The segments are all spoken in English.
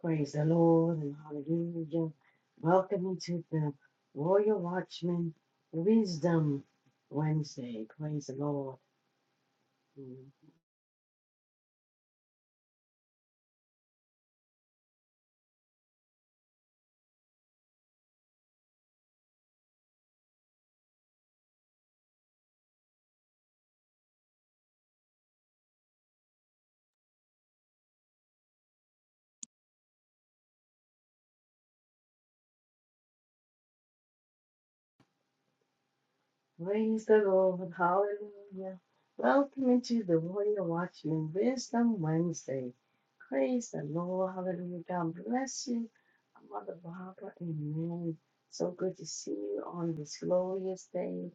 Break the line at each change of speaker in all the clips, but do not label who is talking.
Praise the Lord and hallelujah. Welcome you to the Royal Watchman Wisdom Wednesday. Praise the Lord. Mm. Praise the Lord. Hallelujah. Welcome into the Warrior Watchman Wisdom Wednesday. Praise the Lord. Hallelujah. God bless you, Mother Barbara. Amen. So good to see you on this glorious day.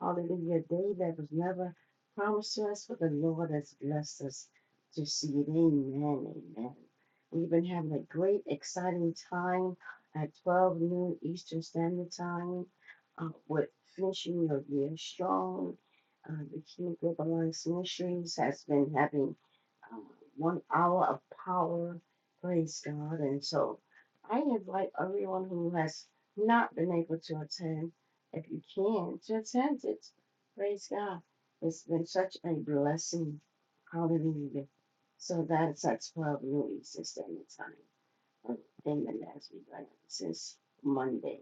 Hallelujah. A Day that was never promised to us, but the Lord has blessed us to see it. Amen. Amen. We've been having a great, exciting time at 12 noon Eastern Standard Time uh, with finishing Your Year Strong. Uh, the Kingdom Group Alliance Ministries has been having uh, one hour of power. Praise God. And so I invite everyone who has not been able to attend, if you can, to attend it. Praise God. It's been such a blessing. Hallelujah. So that's at 12 noon Eastern Standard Time. And then as we go since Monday.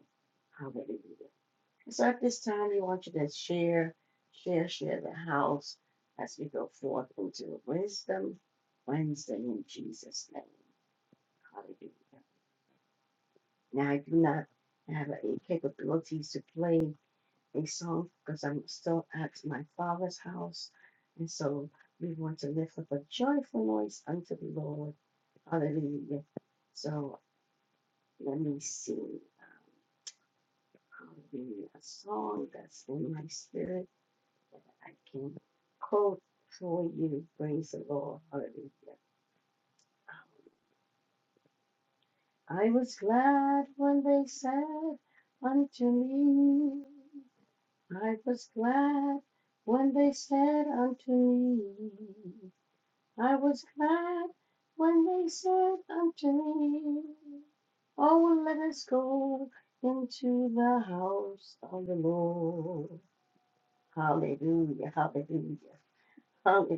Hallelujah. And So at this time, we want you to share, share, share the house as we go forth into Wisdom Wednesday in Jesus' name. Hallelujah. Now, I do not have any capabilities to play a song because I'm still at my father's house. And so we want to lift up a joyful noise unto the Lord. Hallelujah. So let me sing um, hallelujah, a song that's in my spirit. I can quote for you, praise the Lord, hallelujah. I was glad when they said unto me, I was glad when they said unto me, I was glad when they said unto me, Oh, let us go into the house of the Lord. Hallelujah, hallelujah, hallelujah,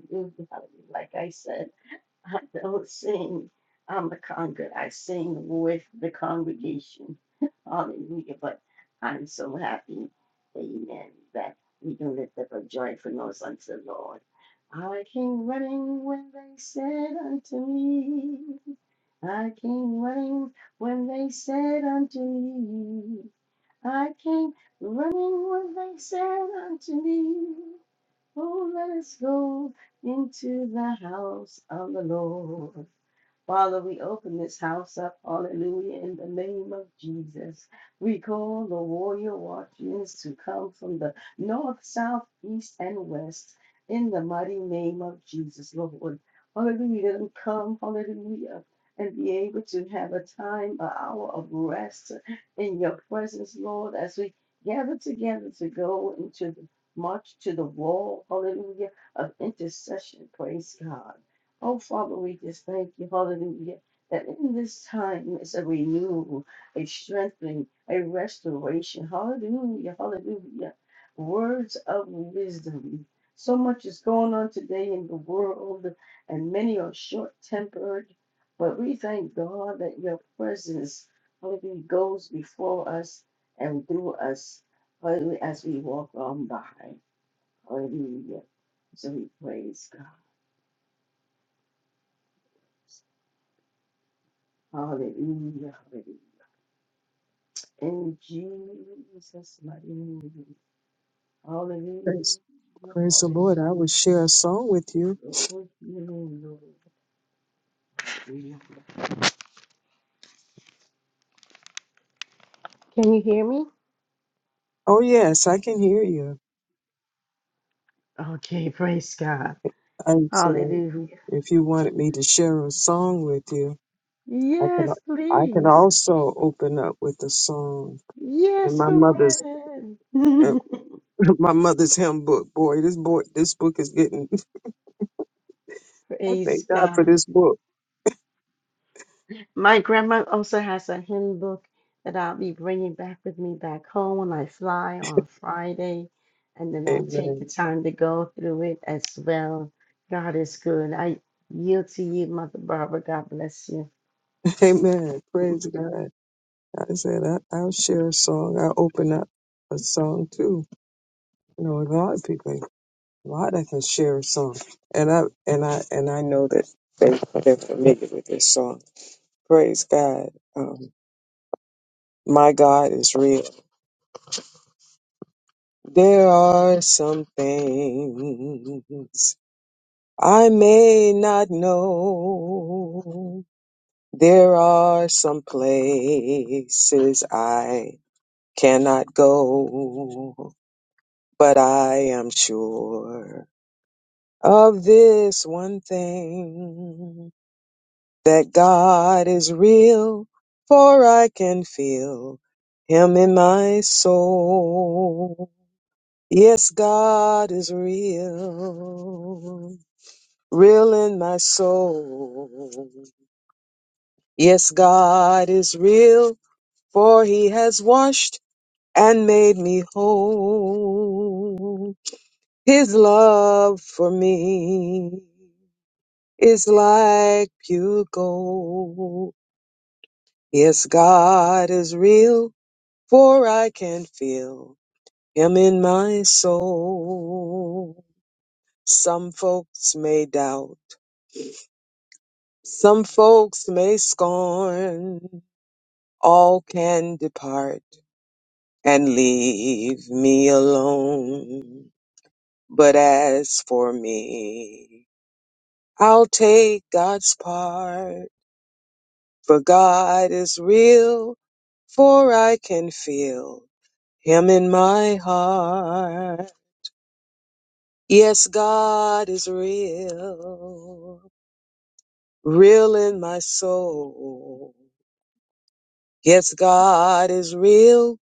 hallelujah. Like I said, I don't sing on the conga. I sing with the congregation. Hallelujah. But I'm so happy, amen, that we can lift up a joyful noise unto the Lord. I came running when they said unto me, I came running when they said unto me, I came running when they said unto me, Oh, let us go into the house of the Lord. Father, we open this house up, hallelujah, in the name of Jesus. We call the warrior watchmen to come from the north, south, east, and west in the mighty name of Jesus, Lord. Hallelujah, let them come, hallelujah, and be able to have a time, an hour of rest in your presence, Lord, as we gather together to go into the march to the wall, hallelujah, of intercession, praise God. Oh, Father, we just thank you, hallelujah, that in this time is a renewal, a strengthening, a restoration. Hallelujah, hallelujah. Words of wisdom. So much is going on today in the world, and many are short tempered. But we thank God that your presence, hallelujah, goes before us and through us, hallelujah, as we walk on by. Hallelujah. So we praise God. Hallelujah. Hallelujah. In Jesus' mighty name. Hallelujah.
Praise, praise the
Hallelujah.
Lord. I will share a song with you.
Glory to your name, Lord. Hallelujah. Can you hear me?
Oh, yes, I can hear you.
Okay, praise God.
I said,
Hallelujah.
if you wanted me to share a song with you, I can.
Yes,
I can
please.
also open up with a song in
Yes,
my
go
mother's
right
in
ahead.
my mother's hymn book. Boy, this boy, this book is getting. I
praise
thank God for
God.
this book.
My grandma also has a hymn book that I'll be bringing back with me back home when I fly on Friday. And then I'll take the
Amen.
time to go through it as well. God is good. I yield to you, Mother Barbara. God bless you.
Amen. Praise God. I said I, I'll share a song. I'll open up a song too. You know, a lot of people. Well, I can share a song, and I and I and I know that they they're familiar with this song. Praise God, um, my God is real. There are some things I may not know. There are some places I cannot go, but I am sure of this one thing. that God is real, for I can feel Him in my soul. Yes, God is real, real in my soul. Yes, God is real, for He has washed and made me whole. His love for me is like pure gold. Yes, God is real for I can feel him in my soul. Some folks may doubt, some folks may scorn, all can depart and leave me alone. But as for me, I'll take God's part, for God is real, for I can feel him in my heart. Yes, God is real, real in my soul. Yes, God is real,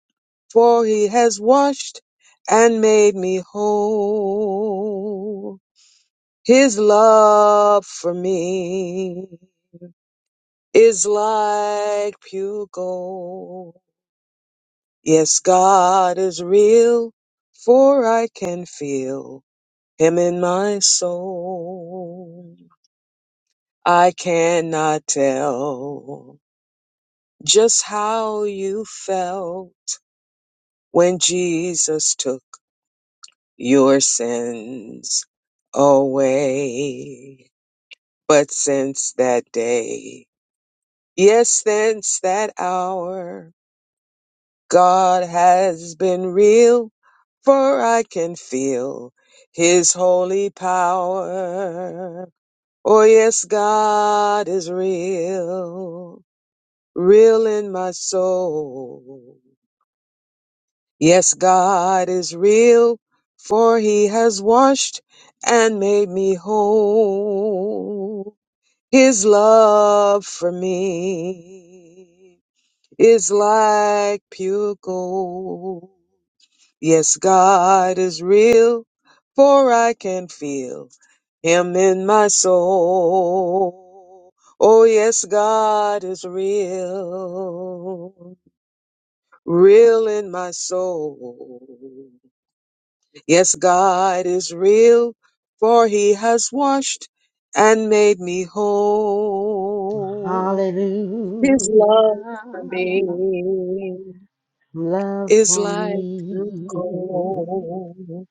for he has washed and made me whole. His love for me is like pure gold. Yes, God is real, for I can feel him in my soul. I cannot tell just how you felt when Jesus took your sins away. But since that day, yes, since that hour, God has been real, for I can feel his holy power. Oh, yes, God is real. real in my soul. Yes, God is real, for he has washed and made me whole. His love for me is like pure gold. Yes, God is real, for I can feel him in my soul. Oh, yes, God is real. real in my soul. Yes, God is real, for he has washed and made me whole.
Hallelujah.
His love for me
Love
is
for
like true
me,
gold.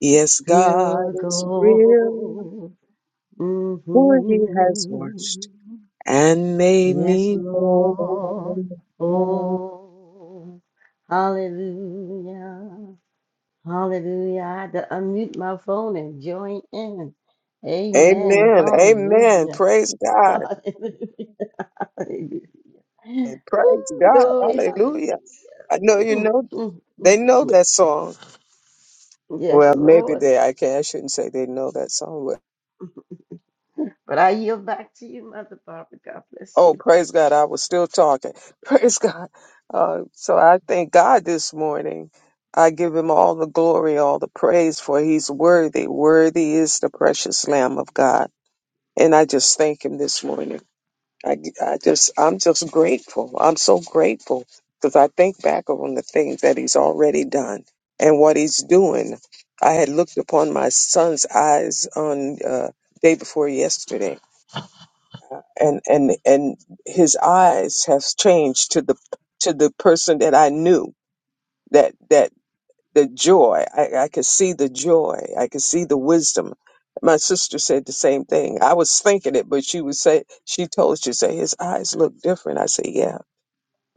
Yes, God
pure
is real,
gold.
for he has washed
Mhm.
and made
Yes,
me
Lord.
whole.
Oh, hallelujah. Hallelujah. I had to unmute my phone and join in. Amen.
Amen. Amen.
Hallelujah.
Praise God.
Hallelujah. Hallelujah.
And
Ooh,
praise God.
glory. Hallelujah.
Hallelujah. I know you
Mm,
know
mm,
they
mm,
know
mm.
that song. Well,
Yes,
maybe
Lord.
they I can I shouldn't say they know that song, but
But I yield back to you, Mother Barbara. God bless
oh
you.
praise God, I was still talking. Praise God. Uh, so I thank God this morning. I give him all the glory, all the praise for he's worthy. Worthy is the precious Lamb of God. And I just thank him this morning. I, I just, I'm just grateful. I'm so grateful because I think back on the things that he's already done and what he's doing. I had looked upon my son's eyes on uh, day before yesterday, and and and his eyes have changed to the to the person that I knew that that the joy. I, I could see the joy. I could see the wisdom. My sister said the same thing. I was thinking it, but she was say she told she said his eyes look different. I said, yeah.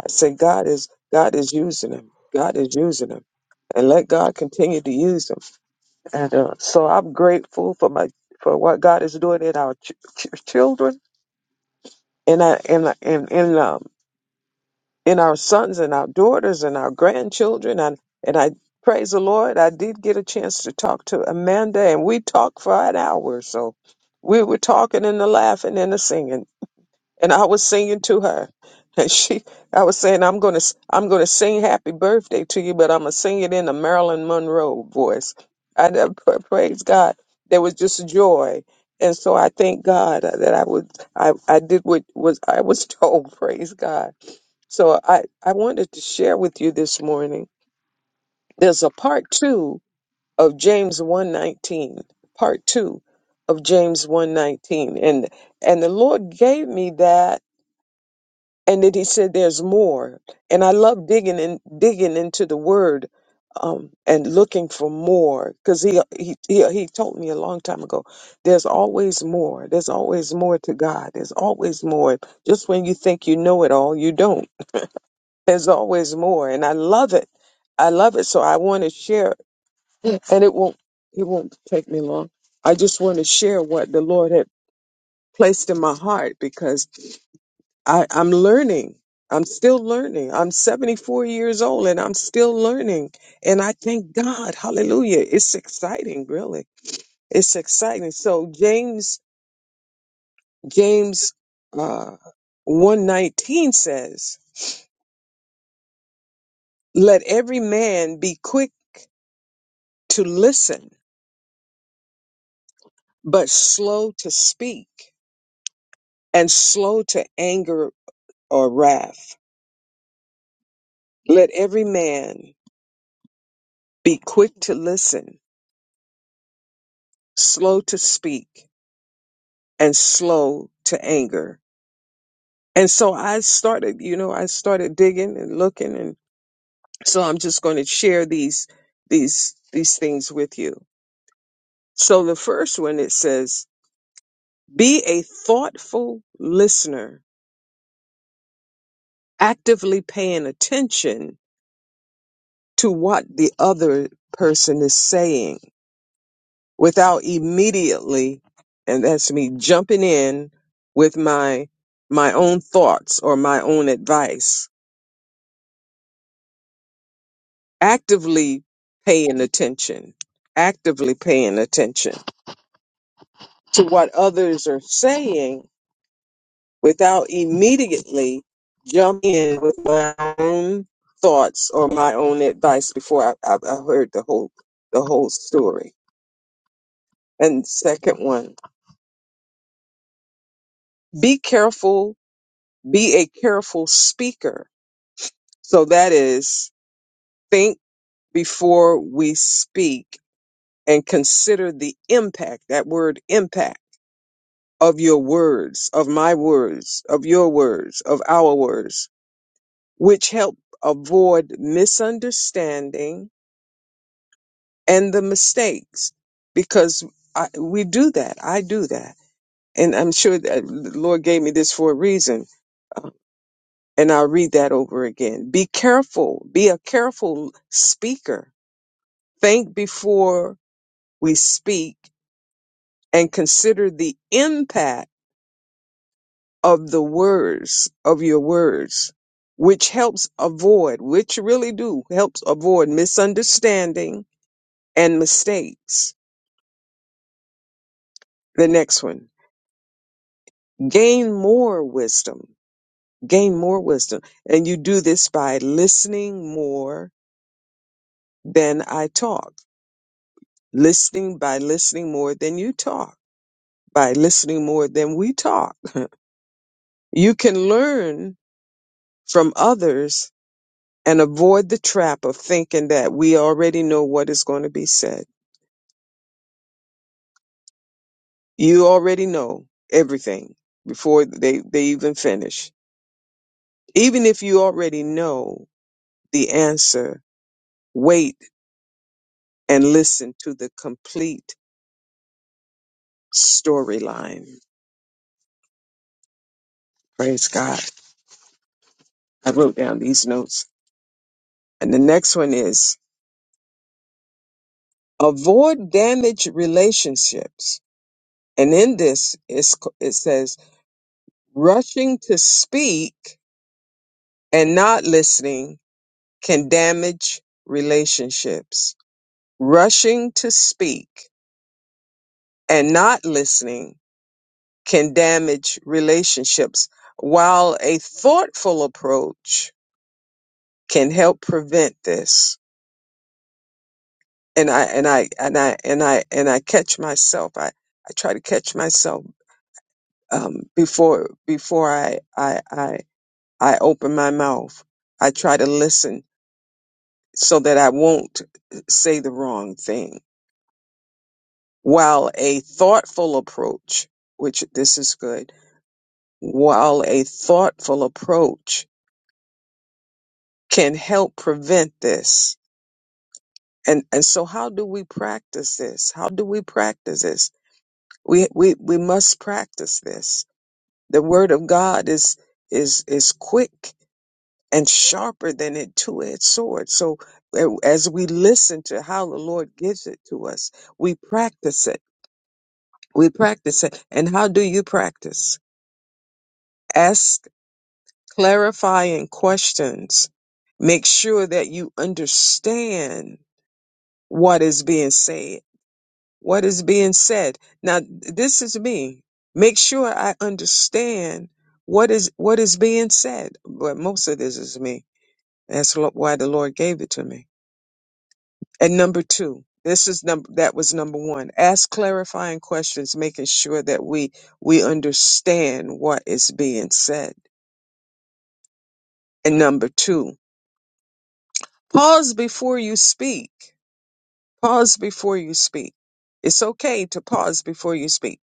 I said God is God is using him. God is using him, and let God continue to use him. And uh, so I'm grateful for my for what God is doing in our ch- ch- children, and I and I- and in um. in our sons and our daughters and our grandchildren. And, and I praise the Lord, I did get a chance to talk to Amanda, and we talked for an hour. So we were talking and the laughing and the singing, and I was singing to her. And she, I was saying, I'm gonna, i I'm gonna sing "Happy Birthday" to you, but I'm gonna sing it in a Marilyn Monroe voice. I never- pra- praise God. There was just joy, and so I thank God that I would, I, I did what was I was told. Praise God so I, I wanted to share with you this morning. There's a part two of James 119, part two of James 119. And, and the Lord gave me that. And then he said, there's more. And I love digging in, digging into the word, um, and looking for more because he, he, he, he told me a long time ago, there's always more. There's always more to God. There's always more. Just when you think you know it all, you don't There's always more, and I love it. I love it, so I want to share, and it won't it won't take me long. I just want to share what the Lord had placed in my heart because I, I'm learning. I'm still learning. I'm 74 years old and I'm still learning. And I thank God. Hallelujah. It's exciting, really. It's exciting. So James, James uh 119 says, Let every man be quick to listen but slow to speak and slow to anger or wrath. Let every man be quick to listen, slow to speak, and slow to anger. And so I started, you know, I started digging and looking and so I'm just going to share these these these things with you. So the first one it says, be a thoughtful listener, actively paying attention to what the other person is saying without immediately and that's me jumping in with my my own thoughts or my own advice actively paying attention actively paying attention to what others are saying without immediately jumping in with my own thoughts or my own advice before I, I, I heard the whole the whole story and second one be careful be a careful speaker So that is think before we speak and consider the impact, that word impact of your words, of my words, of your words, of our words, which help avoid misunderstanding and the mistakes because I, we do that. I do that. And I'm sure that the Lord gave me this for a reason. Uh, And I'll read that over again. Be careful. Be a careful speaker. Think before we speak and consider the impact of the words of your words which helps avoid which really do helps avoid misunderstanding and mistakes the next one gain more wisdom gain more wisdom and you do this by listening more than i talk listening by listening more than you talk by listening more than we talk you can learn from others and avoid the trap of thinking that we already know what is going to be said. You already know everything before they, they even finish. Even if you already know the answer, wait and listen to the complete storyline. Praise God. I wrote down these notes. And the next one is avoid damaged relationships. And in this, it's, it says rushing to speak and not listening can damage relationships. Rushing to speak and not listening can damage relationships, while a thoughtful approach can help prevent this. And I and I and I and I and I catch myself. I, I try to catch myself um, before before I, I I I open my mouth. I try to listen so that I won't say the wrong thing While a thoughtful approach, which this is good, while a thoughtful approach can help prevent this. And and so how do we practice this? How do we practice this? We we we must practice this. The word of God is is is quick and sharper than a two-edged sword. So a- as we listen to how the Lord gives it to us, we practice it. We practice it. And how do you practice? Ask clarifying questions. Make sure that you understand what is being said. What is being said. Now, this is me. Make sure I understand what is what is being said. But most of this is me. That's lo- why the Lord gave it to me. And number two, this is number that was number one. Ask clarifying questions, making sure that we we understand what is being said. And number two, pause before you speak. Pause before you speak. It's okay to pause before you speak.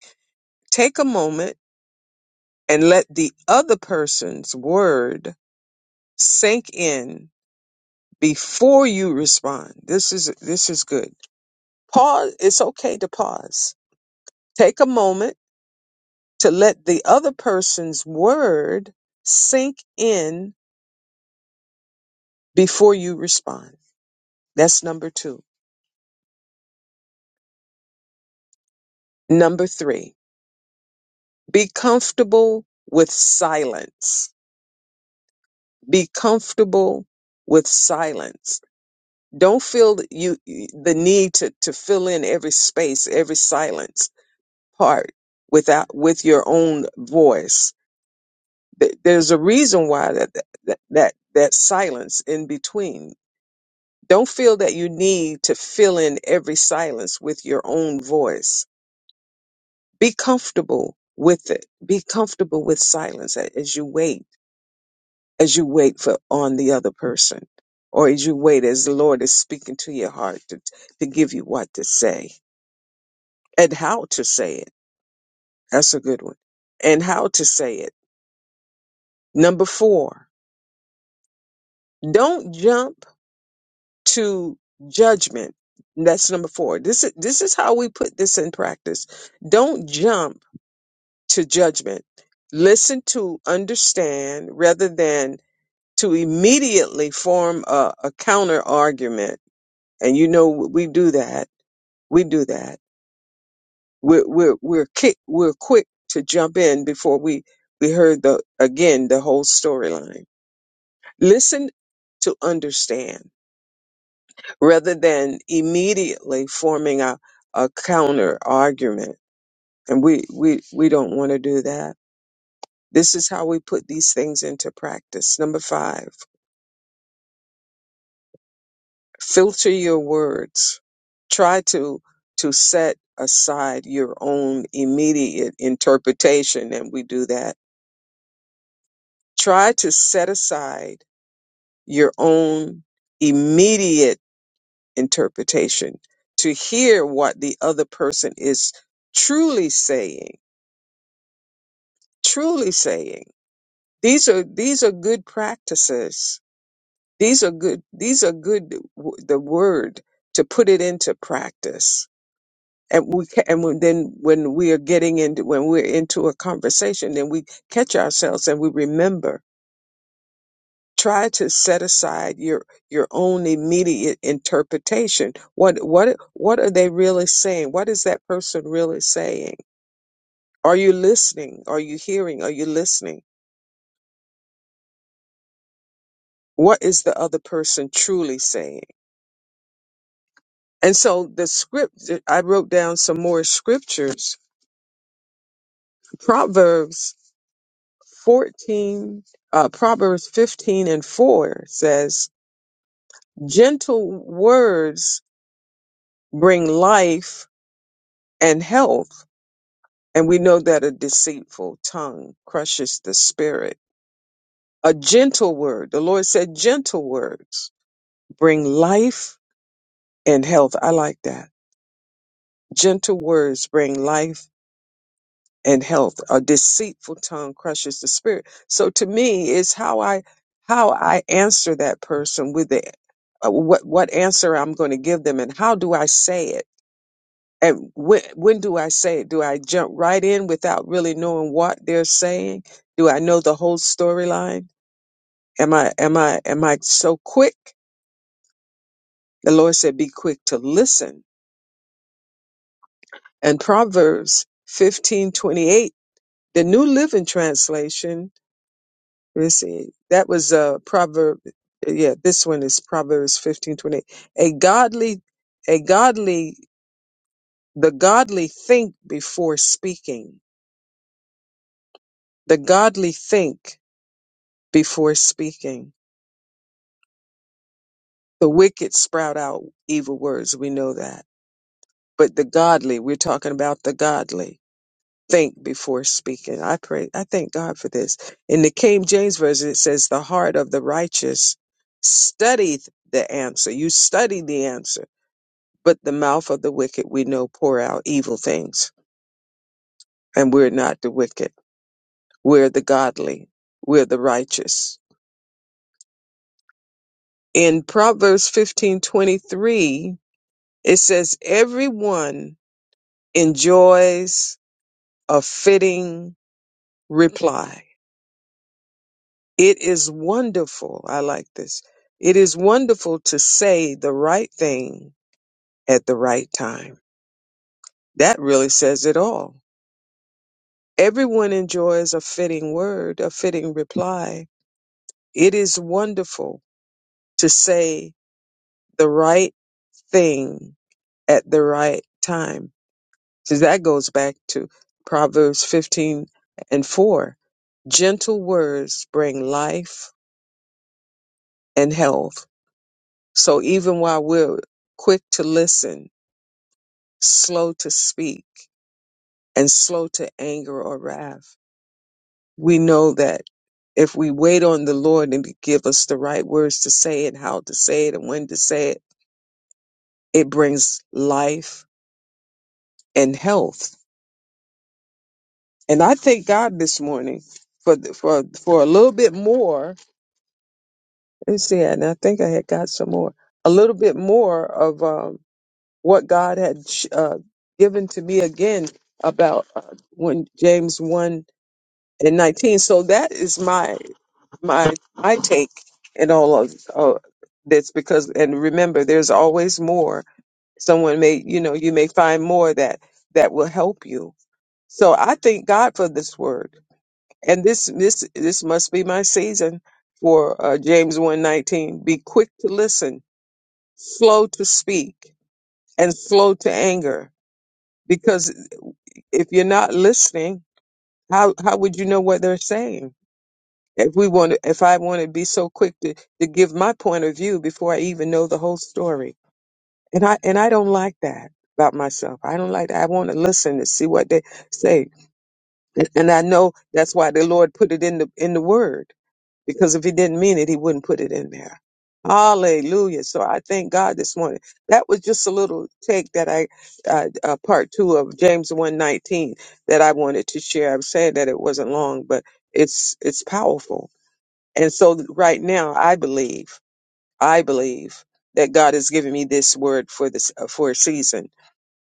Take a moment and let the other person's word sink in before you respond. This is this is good. Pause, it's okay to pause. Take a moment to let the other person's word sink in before you respond. That's number 2. Number 3. Be comfortable with silence be comfortable with silence don't feel that you the need to to fill in every space every silence part without with your own voice Th- there's a reason why that that that, that silence in between don't feel that you need to fill in every silence with your own voice be comfortable with it be comfortable with silence a- as you wait as you wait for on the other person or as you wait as the lord is speaking to your heart to, to give you what to say and how to say it that's a good one and how to say it number four don't jump to judgment that's number four this is this is how we put this in practice don't jump to judgment listen to understand rather than to immediately form a, a counter argument and you know we do that we do that. We're we're we're kick, we're quick to jump in before we we heard the again the whole storyline. Listen to understand rather than immediately forming a, a counter argument. And we, we we don't want to do that. This is how we put these things into practice. Number five, filter your words. Try to to set aside your own immediate interpretation, and we do that try to set aside your own immediate interpretation to hear what the other person is truly saying truly saying these are these are good practices these are good these are good w- the word to put it into practice and we ca- and when- then when we are getting into when we're into a conversation then we catch ourselves and we remember try to set aside your your own immediate interpretation what what what are they really saying what is that person really saying are you listening are you hearing are you listening what is the other person truly saying and so the script i wrote down some more scriptures proverbs 14 uh, proverbs 15 and 4 says gentle words bring life and health And we know that a deceitful tongue crushes the spirit. A gentle word, the Lord said, gentle words bring life and health. I like that. Gentle words bring life and health. A deceitful tongue crushes the spirit. So to me, it's how I how I answer that person with the uh, what what answer I'm going to give them, and how do I say it And when, when do I say it? Do I jump right in without really knowing what they're saying? Do I know the whole storyline? Am I am I am I so quick? The Lord said, "Be quick to listen." And Proverbs fifteen twenty eight, the New Living Translation. Let's see, that was a proverb. Yeah, this one is Proverbs fifteen twenty eight. A godly, a godly, the godly think before speaking. The godly think before speaking. The wicked sprout out evil words, we know that. But the godly, we're talking about the godly, think before speaking. I pray, I thank God for this. In the King James Version, it says, The heart of the righteous studieth the answer. You study the answer, but the mouth of the wicked, we know, pour out evil things. And we're not the wicked, we're the godly, we're the righteous. In Proverbs fifteen twenty three, it says, Everyone enjoys a fitting reply. It is wonderful. I like this. It is wonderful to say the right thing at the right time. That really says it all. Everyone enjoys a fitting word, a fitting reply. It is wonderful to say the right thing at the right time. So that goes back to Proverbs 15 and 4. Gentle words bring life and health. So even while we're quick to listen, slow to speak, and slow to anger or wrath, we know that if we wait on the Lord and to give us the right words to say and how to say it and when to say it, it brings life and health. And I thank God this morning for the, for for a little bit more. Let's see, and I think I had got some more, a little bit more of. um, what God had uh, given to me again about uh, when James one and nineteen. So that is my my my take in all of uh, this because and remember, there's always more. Someone may you know you may find more that that will help you. So I thank God for this word, and this this this must be my season for uh, James one nineteen. Be quick to listen, slow to speak, and slow to anger because. if you're not listening, how how would you know what they're saying? If we want, to, if I want to be so quick to to give my point of view before I even know the whole story, and I and I don't like that about myself. I don't like that. I want to listen to see what they say, and, and I know that's why the Lord put it in the in the Word because if he didn't mean it, he wouldn't put it in there. Hallelujah. So I thank God this morning. That was just a little take that I, uh, uh, part two of James 119 that I wanted to share. I'm saying that it wasn't long, but it's, it's powerful. And so right now I believe, I believe that God has given me this word for this, uh, for a season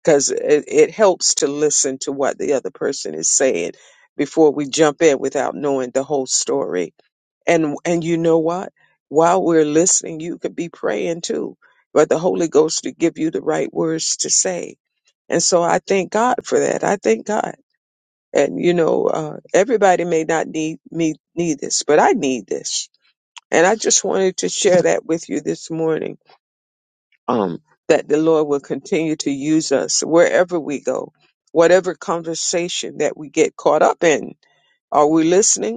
because it, it helps to listen to what the other person is saying before we jump in without knowing the whole story and and you know what? While we're listening, you could be praying too. But the Holy Ghost to give you the right words to say. And so I thank God for that. I thank God. And you know, uh, everybody may not need me need this, but I need this. And I just wanted to share that with you this morning. Um, that the Lord will continue to use us wherever we go, whatever conversation that we get caught up in. Are we listening?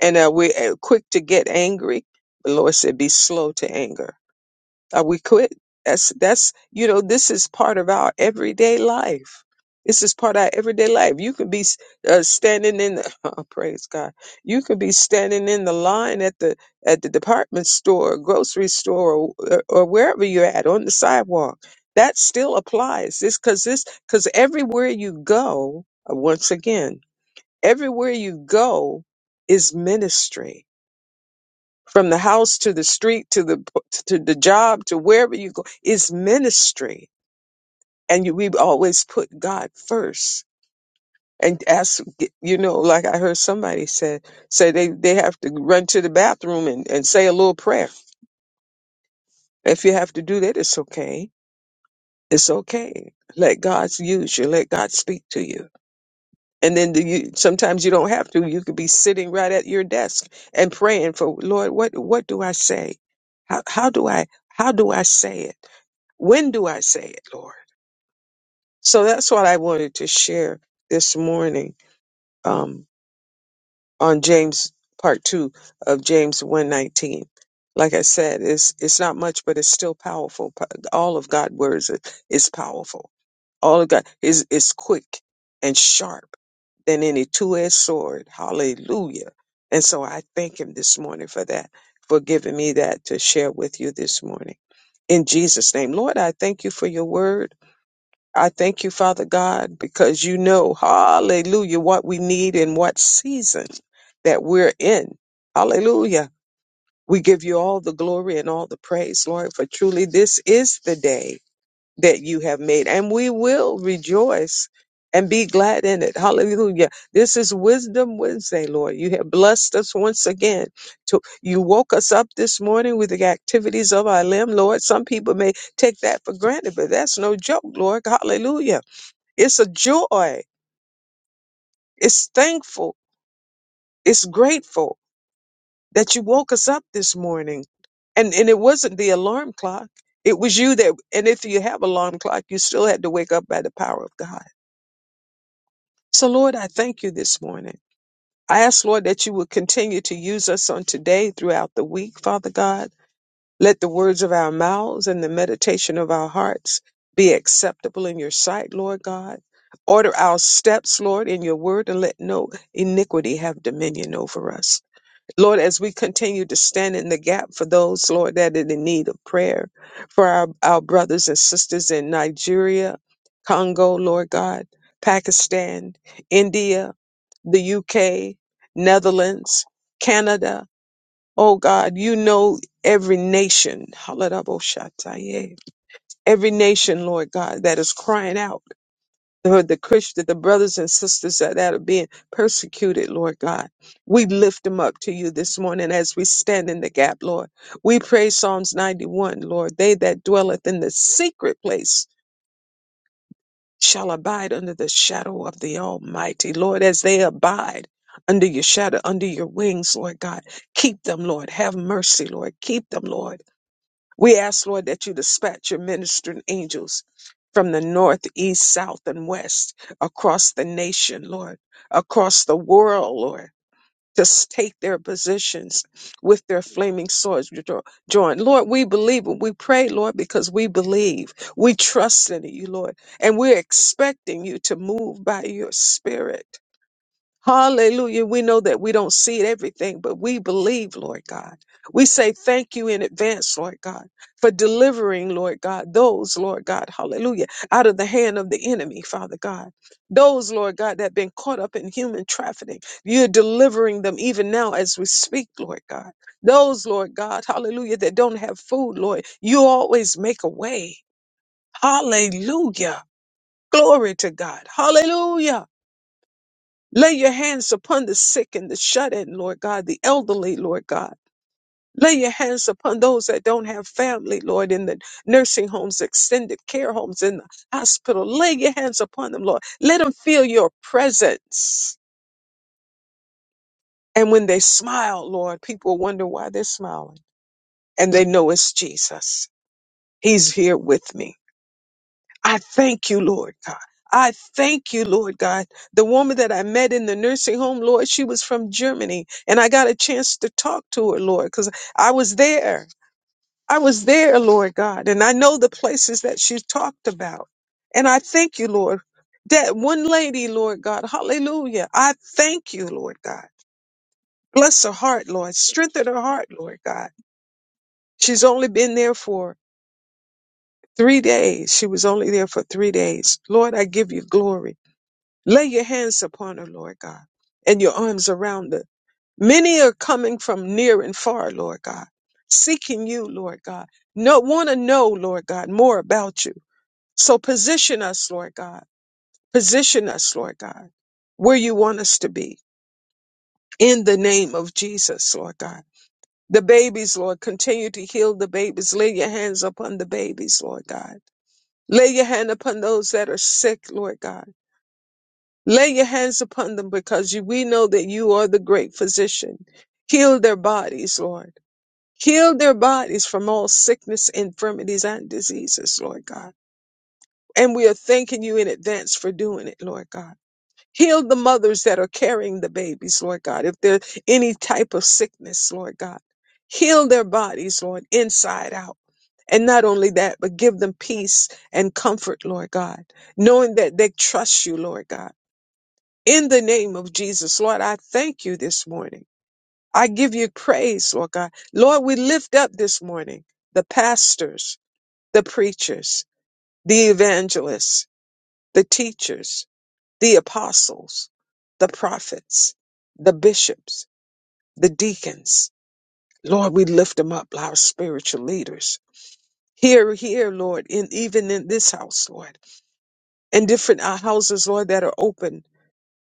and uh, we're uh, quick to get angry. The Lord said, "Be slow to anger." Are we quick? That's that's you know this is part of our everyday life. This is part of our everyday life. You could be uh, standing in the oh, praise God. You could be standing in the line at the at the department store, grocery store, or, or wherever you're at on the sidewalk. That still applies. This because this because everywhere you go, uh, once again, everywhere you go is ministry from the house to the street to the to the job to wherever you go is ministry, and you, we always put God first. And ask, you know, like I heard somebody say, say they, they have to run to the bathroom and, and say a little prayer. If you have to do that, it's okay. It's okay. Let God use you. Let God speak to you. And then the, you, sometimes you don't have to. You could be sitting right at your desk and praying for Lord. What what do I say? How how do I how do I say it? When do I say it, Lord? So that's what I wanted to share this morning um, on James part two of James one nineteen. Like I said, it's it's not much, but it's still powerful. Po- All of God's words is, is powerful. All of God is is quick and sharp than any two edged sword. Hallelujah! And so I thank Him this morning for that, for giving me that to share with you this morning. In Jesus' name, Lord, I thank you for your word. I thank you, Father God, because you know, hallelujah, what we need and what season that we're in. Hallelujah. We give you all the glory and all the praise, Lord, for truly this is the day that you have made, and we will rejoice and be glad in it. Hallelujah. This is Wisdom Wednesday, Lord. You have blessed us once again. To, you woke us up this morning with the activities of our limb, Lord. Some people may take that for granted, but that's no joke, Lord. Hallelujah it's a joy. It's thankful. It's grateful that you woke us up this morning. And and it wasn't the alarm clock. It was you that and if you have alarm clock, you still had to wake up by the power of God. So Lord, I thank you this morning. I ask Lord that you would continue to use us on today throughout the week, Father God. Let the words of our mouths and the meditation of our hearts be acceptable in your sight, Lord God. Order our steps, Lord, in your word, and let no iniquity have dominion over us. Lord, as we continue to stand in the gap for those, Lord, that are in need of prayer, for our, our brothers and sisters in Nigeria, Congo, Lord God, Pakistan, India, the UK, Netherlands, Canada, Oh God, you know every nation, Hallelujah. Yeah. every nation, Lord God, that is crying out, Lord, the Christian, the brothers and sisters that, that are being persecuted, Lord God. We lift them up to you this morning as we stand in the gap, Lord. We pray Psalms 91, Lord, they that dwelleth in the secret place shall abide under the shadow of the Almighty, Lord, as they abide under your shadow, under your wings, Lord God. Keep them, Lord. Have mercy, Lord. Keep them, Lord We ask, Lord, that you dispatch your ministering angels from the north, east, south, and west across the nation, Lord, across the world, Lord. To s- take their positions with their flaming swords jo- joined. Lord, we believe and we pray, Lord, because we believe. We trust in you, Lord, and we're expecting you to move by your spirit. Hallelujah. We know that we don't see everything, but we believe, Lord God. We say thank you in advance, Lord God, for delivering, Lord God, those, Lord God, hallelujah, out of the hand of the enemy, Father God. Those, Lord God, that have been caught up in human trafficking, you're delivering them even now as we speak, Lord God. Those, Lord God, hallelujah, that don't have food, Lord, you always make a way. Hallelujah. Glory to God. Hallelujah. Lay your hands upon the sick and the shut in, Lord God, the elderly, Lord God. Lay your hands upon those that don't have family, Lord, in the nursing homes, extended care homes, in the hospital. Lay your hands upon them, Lord. Let them feel your presence. And when they smile, Lord, people wonder why they're smiling. And they know it's Jesus. He's here with me. I thank you, Lord God. I thank you, Lord God. The woman that I met in the nursing home, Lord, she was from Germany, and I got a chance to talk to her, Lord, because I was there. I was there, Lord God, and I know the places that she talked about. And I thank you, Lord. That one lady, Lord God, hallelujah. I thank you, Lord God. Bless her heart, Lord. Strengthen her heart, Lord God. She's only been there for three days. She was only there for three days. Lord, I give you glory. Lay your hands upon her, Lord God, and your arms around her. Many are coming from near and far, Lord God, seeking you, Lord God. No, want to know, Lord God, more about you. So position us, Lord God. Position us, Lord God, where you want us to be. In the name of Jesus, Lord God. The babies, Lord, continue to heal the babies. Lay your hands upon the babies, Lord God. Lay your hand upon those that are sick, Lord God. Lay your hands upon them because you- we know that you are the great physician. Heal their bodies, Lord. Heal their bodies from all sickness, infirmities, and diseases, Lord God. And we are thanking you in advance for doing it, Lord God. Heal the mothers that are carrying the babies, Lord God. If there's any type of sickness, Lord God, heal their bodies, Lord, inside out. And not only that, but give them peace and comfort, Lord God, knowing that they trust you, Lord God in the name of Jesus. Lord, I thank you this morning. I give you praise, Lord God. Lord, we lift up this morning the pastors, the preachers, the evangelists, the teachers, the apostles, the prophets, the bishops, the deacons. Lord, we lift them up, our spiritual leaders. Here, here, Lord, in even in this house, Lord, and different uh, houses, Lord, that are open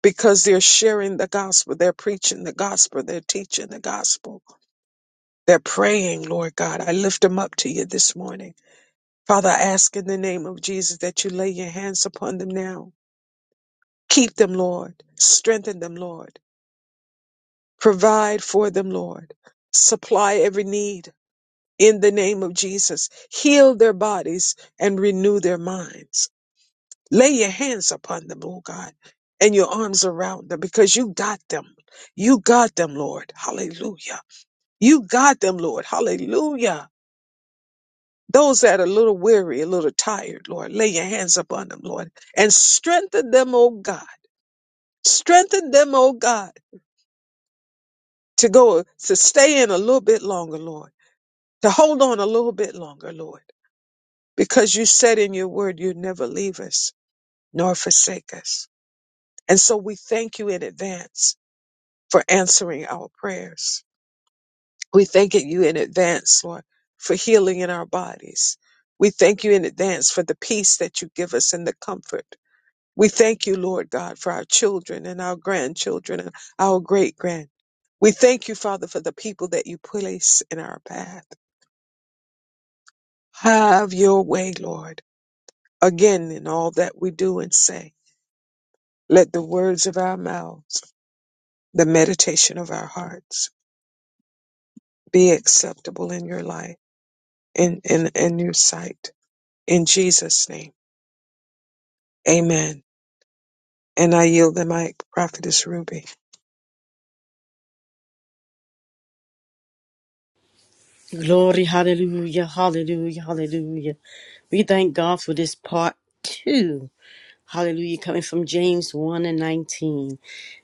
because they're sharing the gospel, they're preaching the gospel, they're teaching the gospel, they're praying, Lord God. I lift them up to you this morning. Father, I ask in the name of Jesus that you lay your hands upon them now. Keep them, Lord. Strengthen them, Lord. Provide for them, Lord. Supply every need in the name of Jesus. Heal their bodies and renew their minds. Lay your hands upon them, oh God, and your arms around them because you got them. You got them, Lord. Hallelujah. You got them, Lord. Hallelujah. Those that are a little weary, a little tired, Lord, lay your hands upon them, Lord, and strengthen them, oh God. Strengthen them, oh God, to go, to stay in a little bit longer, Lord, to hold on a little bit longer, Lord, because you said in your word, you never leave us nor forsake us. And so we thank you in advance for answering our prayers. We thank you in advance, Lord, for healing in our bodies. We thank you in advance for the peace that you give us and the comfort. We thank you, Lord God, for our children and our grandchildren and our great grand. We thank you, Father, for the people that you place in our path. Have your way, Lord, again in all that we do and say. Let the words of our mouths, the meditation of our hearts be acceptable in your light in, in, in your sight. In Jesus' name, amen. And I yield the mic, Prophetess Ruby.
Glory, hallelujah, hallelujah, hallelujah. We thank God for this part two. Hallelujah. Coming from James 1 and 19.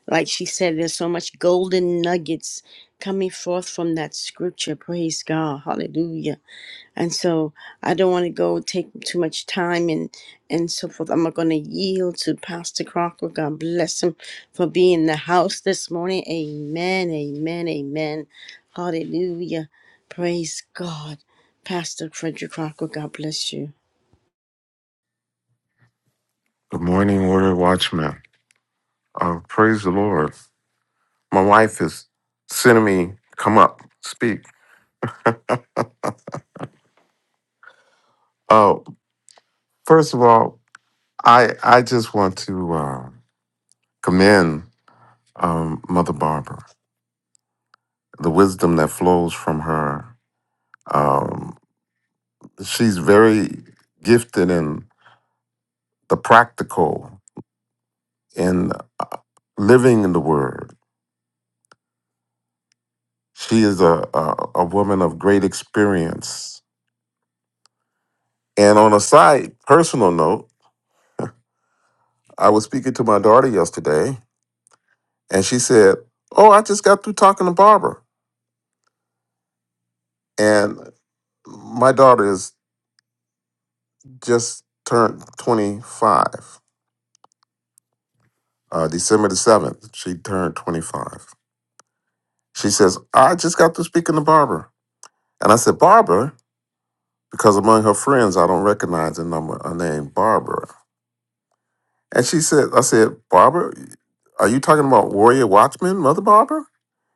Like she said, there's so much golden nuggets coming forth from that scripture. Praise God. Hallelujah. And so I don't want to go take too much time and, and so forth. I'm going to yield to Pastor Crocker. God bless him for being in the house this morning. Amen. Amen. Amen. Hallelujah. Praise God. Pastor Frederick Crocker, God bless you.
The morning order watchman. Uh, praise the Lord. My wife is sending me come up, speak. Oh, first of all, I I just want to uh, commend um, Mother Barbara. The wisdom that flows from her. Um, she's very gifted in the practical in living in the Word. She is a, a a woman of great experience. And on a side personal note. I was speaking to my daughter yesterday, and she said, "Oh, I just got through talking to Barbara." And my daughter is just turned twenty-five. Uh, December the seventh, she turned twenty-five. She says, "I just got through speaking to Barbara," and I said, "Barbara," because among her friends, I don't recognize the number her name, Barbara. And she said, "I said, Barbara, are you talking about Warrior Watchman, Mother Barbara?"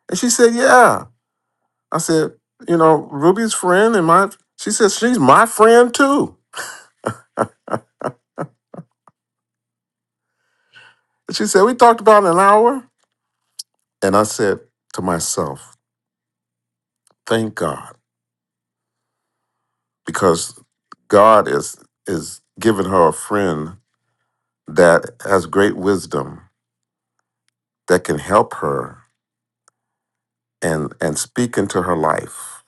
And she said, "Yeah." I said, you know, Ruby's friend and my she said, she's my friend too. And she said, we talked about an hour. And I said to myself, thank God, because God is is giving her a friend that has great wisdom that can help her and and speak into her life.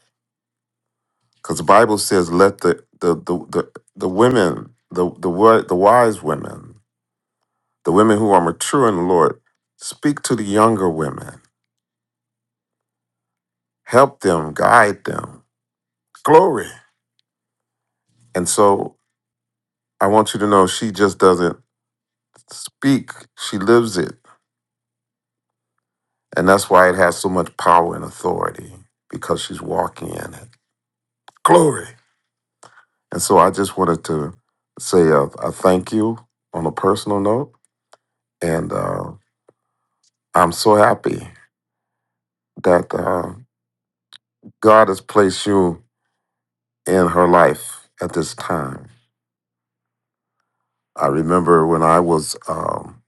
Because the Bible says, let the the the the, the women, the the wi- the wise women, the women who are mature in the Lord, speak to the younger women help them, guide them. Glory. And so I want you to know she just doesn't speak, she lives it. And that's why it has so much power and authority because she's walking in it. Glory. And so I just wanted to say a, a thank you on a personal note. And uh, I'm so happy that uh, God has placed you in her life at this time. I remember when I was um,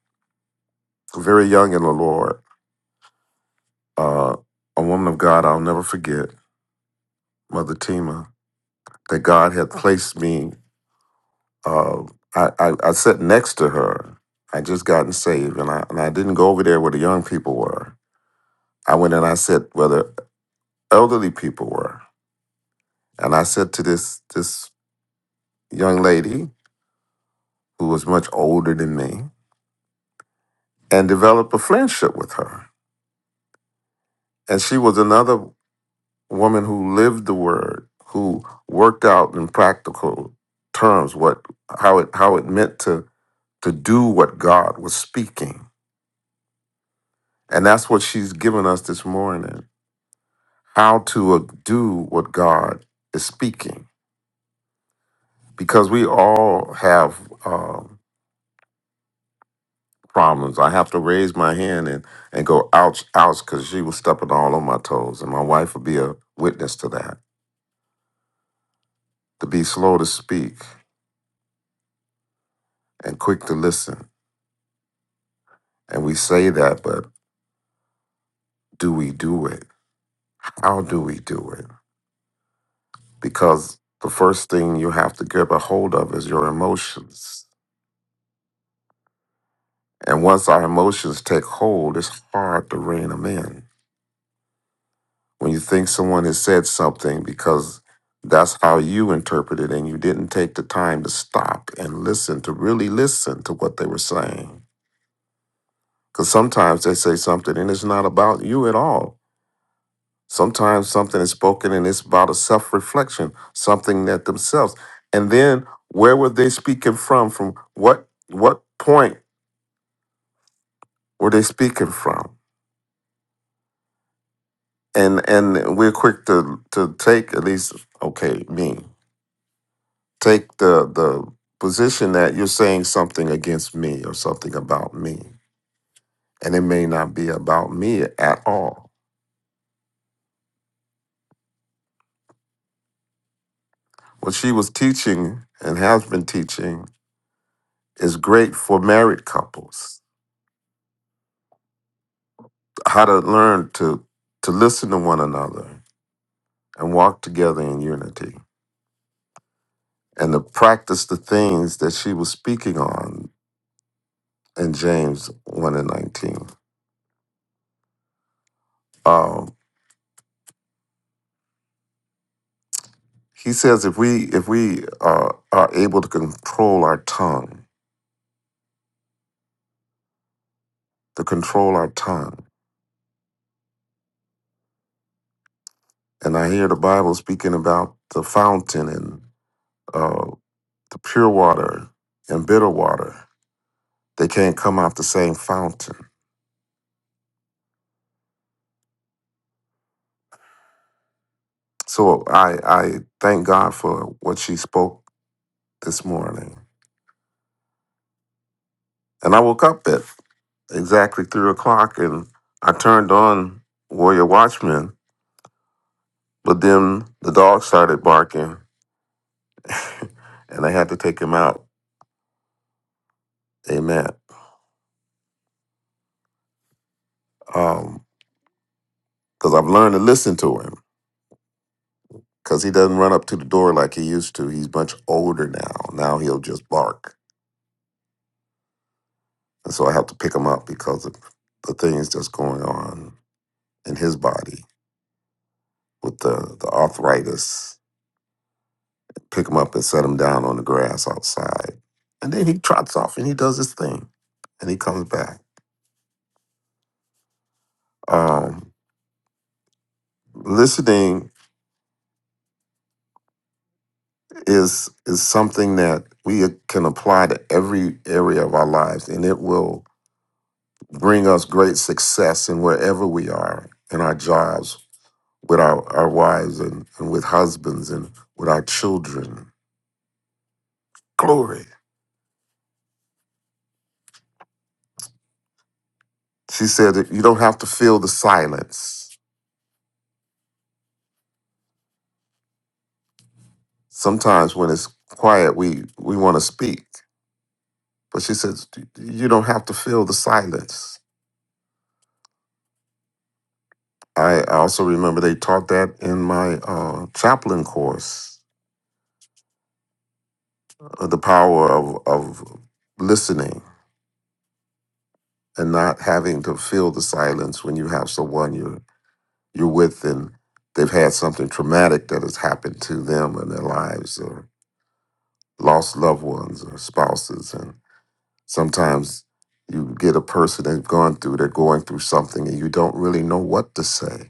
very young in the Lord, uh, a woman of God I'll never forget, Mother Tima, that God had placed me. Uh, I, I, I sat next to her. I just gotten saved, and I and I didn't go over there where the young people were. I went and I sat where the elderly people were, and I said to this this young lady who was much older than me, and developed a friendship with her. And she was another woman who lived the word, who worked out in practical terms what how it how it meant to to do what God was speaking. And that's what she's given us this morning how to uh, do what God is speaking. Because we all have um, problems. I have to raise my hand and, and go, ouch, ouch, because she was stepping all on my toes. And my wife will be a witness to that. To be slow to speak and quick to listen. And we say that, but do we do it? How do we do it? Because the first thing you have to get a hold of is your emotions And once our emotions take hold, it's hard to rein them in. When you think someone has said something because that's how you interpret it, and you didn't take the time to stop and listen, to really listen to what they were saying. Because sometimes they say something and it's not about you at all. Sometimes something is spoken and it's about a self reflection, something that themselves. And then where were they speaking from? From what what point were they speaking from? and and we're quick to to take at least okay me take the the position that you're saying something against me or something about me and it may not be about me at all what she was teaching and has been teaching is great for married couples how to learn to to listen to one another and walk together in unity and to practice the things that she was speaking on in james 1 and 19 Um, He says if we if we are are able to control our tongue, to control our tongue, and I hear the Bible speaking about the fountain and uh, the pure water and bitter water. They can't come out the same fountain. So I I thank God for what she spoke this morning. And I woke up at exactly three o'clock and I turned on Warrior Watchman, but then the dog started barking and I had to take him out Amen. Um, because I've learned to listen to him. Because he doesn't run up to the door like he used to. He's much older now. Now he'll just bark, and so I have to pick him up because of the things that's going on in his body with the the arthritis. Pick him up and set him down on the grass outside, and then he trots off and he does his thing, and he comes back. Um, listening is is something that we can apply to every area of our lives, and it will bring us great success in wherever we are in our jobs, with our, our wives and, and with husbands and with our children. Glory. She said that you don't have to feel the silence. Sometimes when it's quiet, we, we want to speak. But she says, you don't have to feel the silence. I I also remember they taught that in my uh, chaplain course, uh, the power of, of listening and not having to feel the silence when you have someone you're you're with and they've had something traumatic that has happened to them in their lives or lost loved ones or spouses and sometimes you get a person that's gone through they're going through something and you don't really know what to say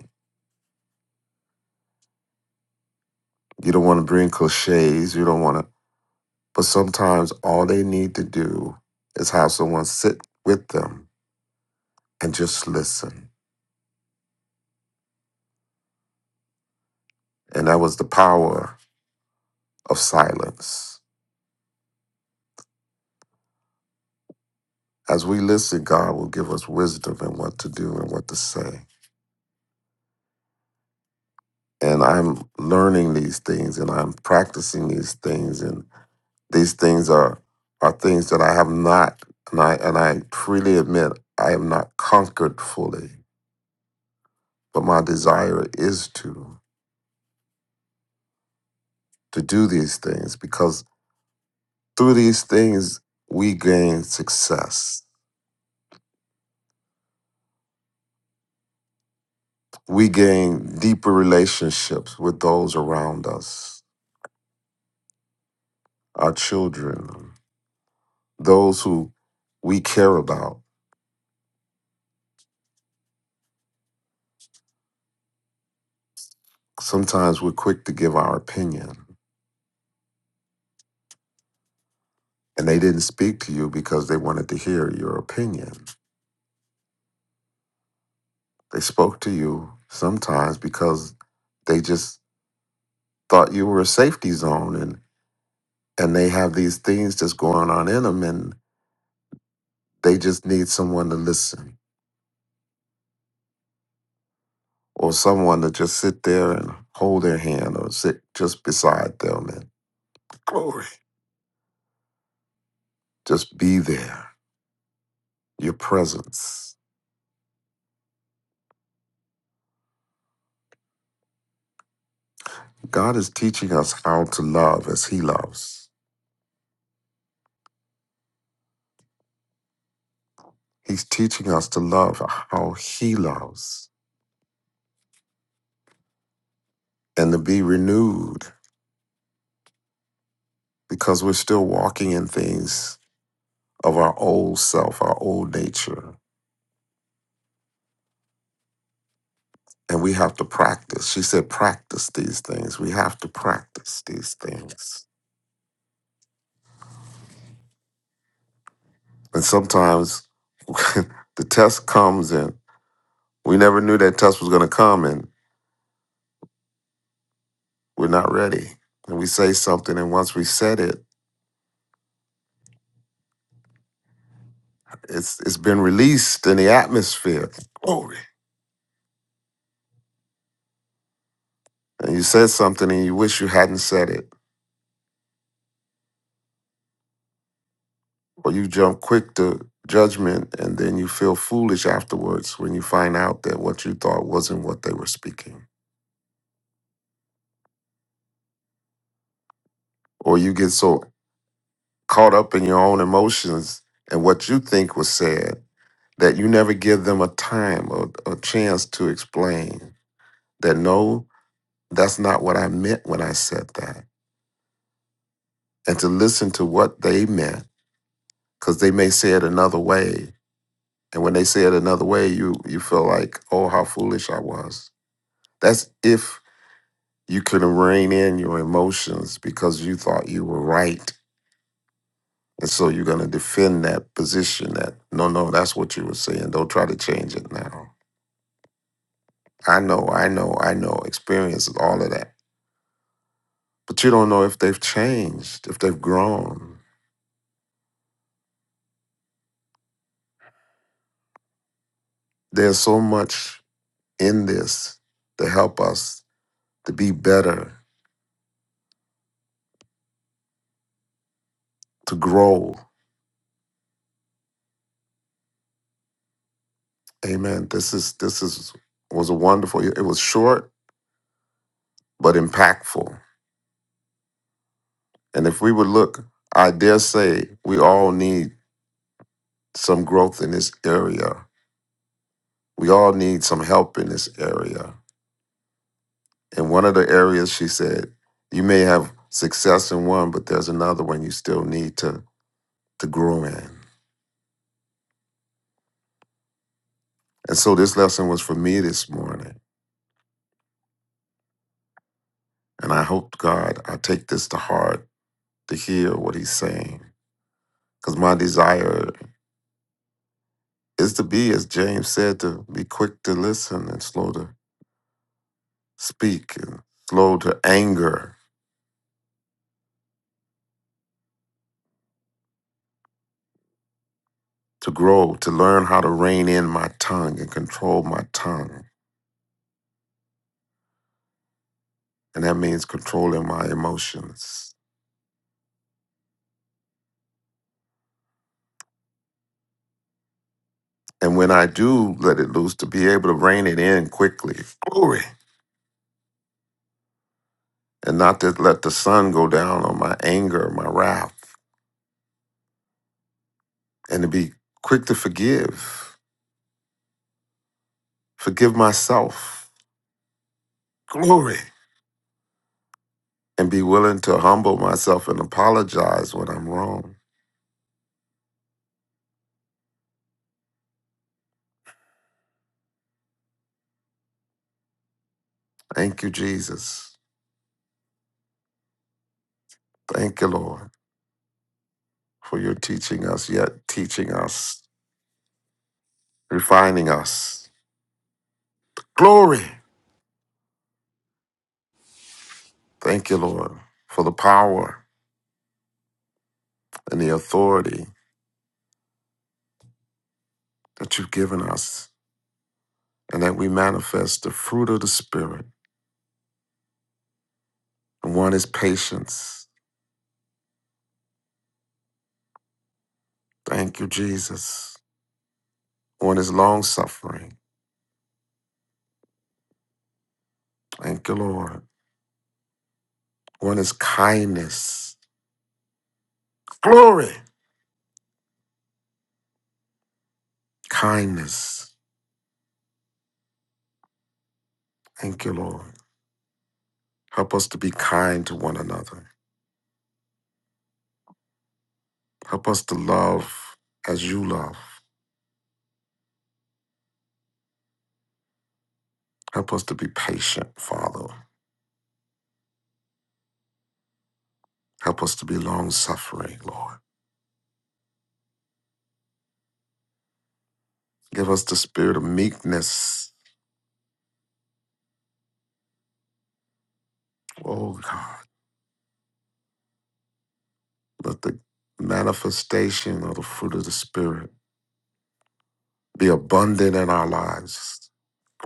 you don't want to bring cliches you don't want to but sometimes all they need to do is have someone sit with them and just listen and that was the power of silence as we listen god will give us wisdom and what to do and what to say and I'm learning these things and I'm practicing these things and these things are are things that I have not and I and I freely admit I have not conquered fully but my desire is to to do these things because through these things we gain success we gain deeper relationships with those around us our children those who we care about sometimes we're quick to give our opinion And they didn't speak to you because they wanted to hear your opinion. They spoke to you sometimes because they just thought you were a safety zone and and they have these things just going on in them and they just need someone to listen or someone to just sit there and hold their hand or sit just beside them and glory just be there your presence god is teaching us how to love as he loves he's teaching us to love how he loves and to be renewed because we're still walking in things of our old self, our old nature. And we have to practice. She said, practice these things. We have to practice these things. And sometimes the test comes and we never knew that test was going to come and we're not ready. And we say something, and once we said it, it's it's been released in the atmosphere. Glory. And you said something and you wish you hadn't said it or you jump quick to judgment and then you feel foolish afterwards when you find out that what you thought wasn't what they were speaking or you get so caught up in your own emotions and what you think was said that you never give them a time or a chance to explain that no that's not what i meant when i said that and to listen to what they meant because they may say it another way and when they say it another way you you feel like oh how foolish i was that's if You couldn't rein in your emotions because you thought you were right. And so you're going to defend that position that, no, no, that's what you were saying. Don't try to change it now. I know, I know, I know, experience is all of that. But you don't know if they've changed, if they've grown. There's so much in this to help us to be better, to grow. Amen. This is, this is, was a wonderful, it was short, but impactful. And if we would look, I dare say we all need some growth in this area. We all need some help in this area. And one of the areas she said, you may have success in one, but there's another one you still need to, to grow in. And so this lesson was for me this morning. And I hope, God, I take this to heart to hear what he's saying. Because my desire is to be, as James said, to be quick to listen and slow to speak and slow to anger to grow, to learn how to rein in my tongue and control my tongue. And that means controlling my emotions. And when I do let it loose, to be able to rein it in quickly, glory, and not to let the sun go down on my anger, my wrath, and to be quick to forgive, forgive myself, glory, and be willing to humble myself and apologize when I'm wrong. Thank you, Jesus. Thank you, Lord, for your teaching us, yet teaching us refining us. Glory. Thank you, Lord, for the power and the authority that you've given us and that we manifest the fruit of the Spirit. And one is patience. Thank you, Jesus. One is long suffering. Thank you, Lord. One is kindness. Glory. Kindness. Thank you, Lord. Help us to be kind to one another. Help us to love as you love. Help us to be patient, Father. Help us to be long suffering, Lord. Give us the spirit of meekness. Oh God, let the manifestation of the fruit of the Spirit be abundant in our lives.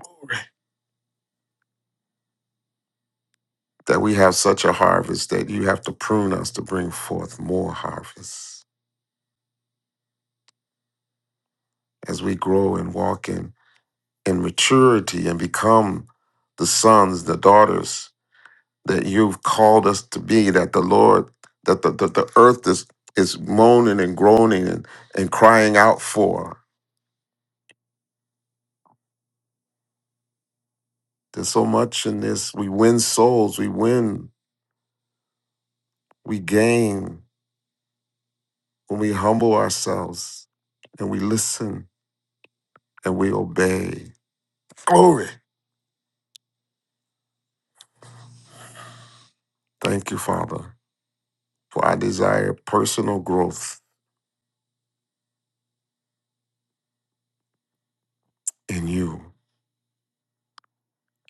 Glory. That we have such a harvest that you have to prune us to bring forth more harvest as we grow and walk in, in maturity and become the sons, the daughters that you've called us to be, that the Lord, that the, the, the earth is, is moaning and groaning and, and crying out for. There's so much in this. We win souls, we win, we gain when we humble ourselves and we listen and we obey. Glory. Thank you, Father, for I desire personal growth in you.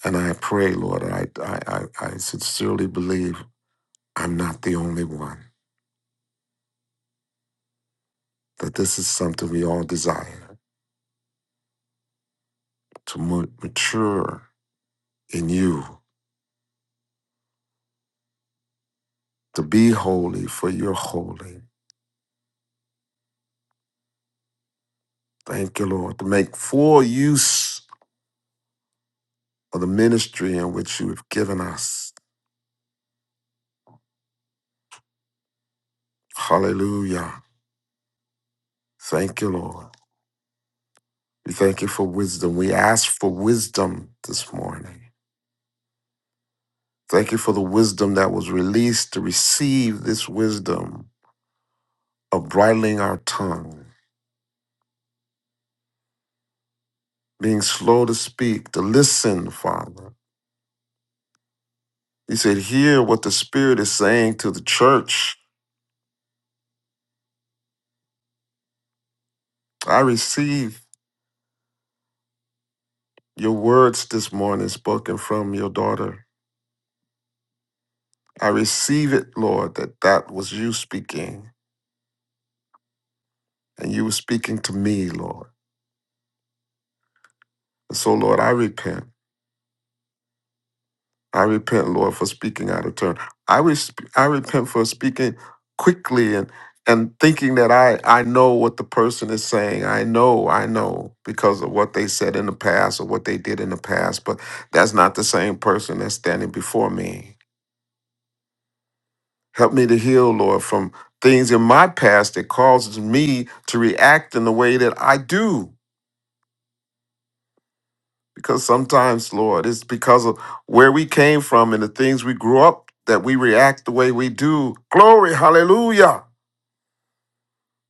And I pray, Lord, I, I, I I sincerely believe I'm not the only one, that this is something we all desire to ma- mature in you, to be holy for you're holy. Thank you, Lord, to make full use of the ministry in which you have given us. Hallelujah. Thank you, Lord. We thank you for wisdom. We ask for wisdom this morning. Thank you for the wisdom that was released to receive this wisdom of bridling our tongue, being slow to speak, to listen, Father. He said, Hear what the Spirit is saying to the church. I receive your words this morning spoken from your daughter. I receive it, Lord, that that was you speaking and you were speaking to me, Lord. And so, Lord, I repent. I repent, Lord, for speaking out of turn. I, res- I repent for speaking quickly and and thinking that I, I know what the person is saying. I know, I know because of what they said in the past or what they did in the past, but that's not the same person that's standing before me. Help me to heal, Lord, from things in my past that causes me to react in the way that I do. Because sometimes, Lord, it's because of where we came from and the things we grew up that we react the way we do. Glory, hallelujah.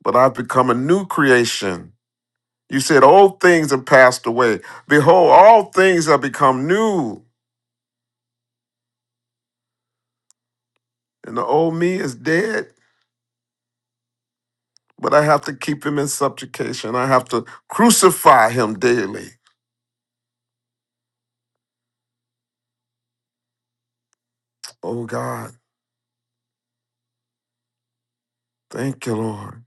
But I've become a new creation. You said, Old things have passed away. Behold, all things have become new. And the old me is dead, but I have to keep him in subjugation. I have to crucify him daily. Oh God. Thank you, Lord.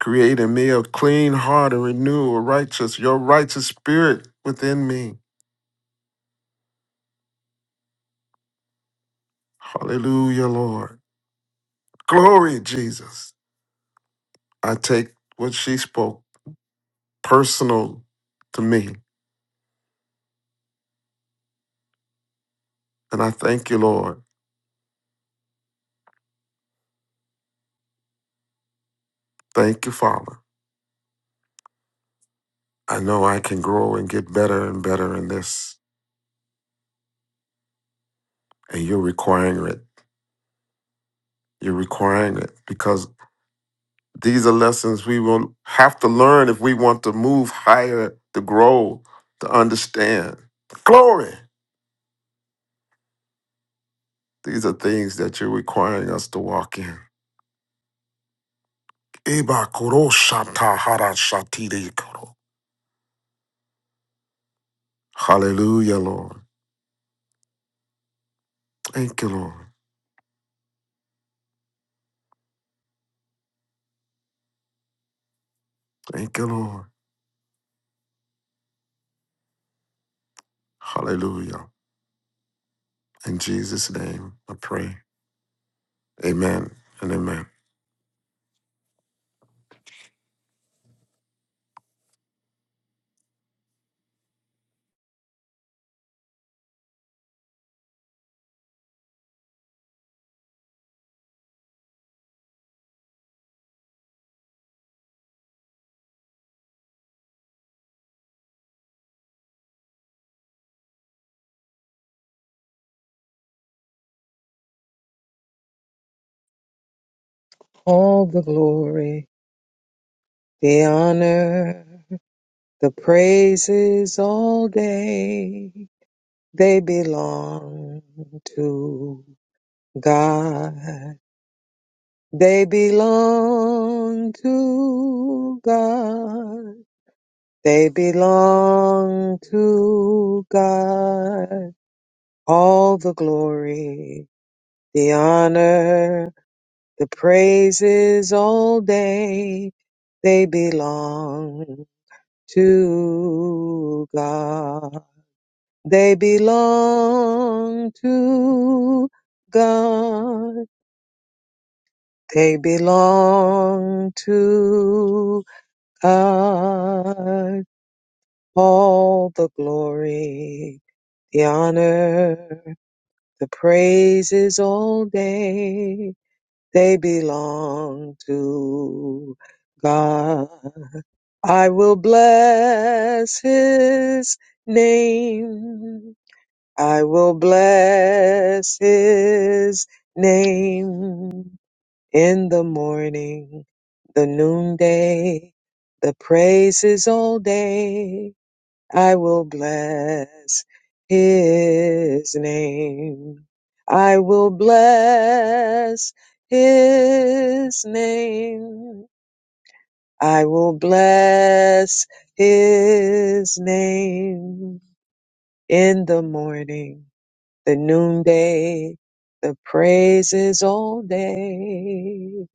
Create in me a clean heart and renew a righteous, your righteous spirit within me. Hallelujah, Lord. Glory, Jesus. I take what she spoke personal to me. And I thank you, Lord. Thank you, Father. I know I can grow and get better and better in this. And you're requiring it. You're requiring it because These are lessons we will have to learn if we want to move higher, to grow, to understand. Glory. These are things that you're requiring us to walk in. Ibakuro-shata-hara-shatiri-kuro. Hallelujah, Lord. Thank you, Lord. Thank you, Lord. Hallelujah. In Jesus' name, I pray. Amen and amen.
All the glory, the honor, the praises all day, they belong to God. They belong to God. They belong to God. All the glory, the honor, the praises all day, they belong to God. They belong to God. They belong to God. All the glory, the honor, the praises all day They belong to God. I will bless his name. I will bless his name in the morning, the noonday, the praises all day. I will bless his name. I will bless his name. I will bless his name in the morning, the noonday, the praises all day.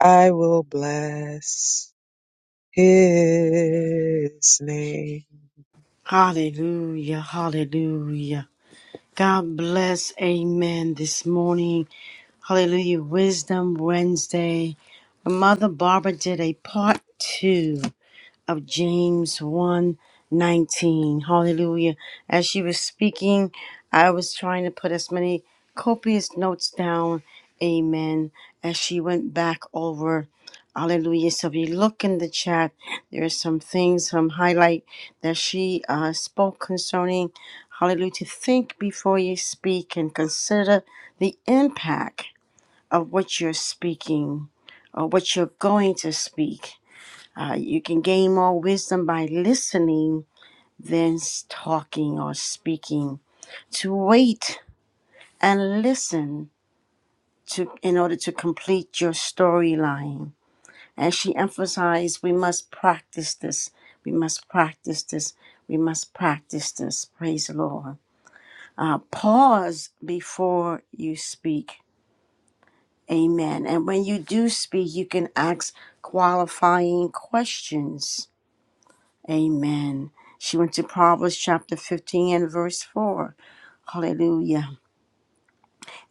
I will bless his name.
Hallelujah. Hallelujah. God bless. Amen. This morning, Hallelujah, Wisdom Wednesday. Mother Barbara did a part two of James one 19, Hallelujah. As she was speaking, I was trying to put as many copious notes down. Amen. As she went back over. Hallelujah. So if you look in the chat, there are some things, some highlight that she uh, spoke concerning. Hallelujah. To think before you speak and consider the impact of what you're speaking or what you're going to speak. Uh, you can gain more wisdom by listening than talking or speaking. To wait and listen to in order to complete your storyline. And she emphasized, we must practice this. We must practice this. We must practice this. Praise the Lord. Uh, pause before you speak. Amen. And when you do speak, you can ask qualifying questions Amen. She went to Proverbs chapter 15 and verse 4. Hallelujah.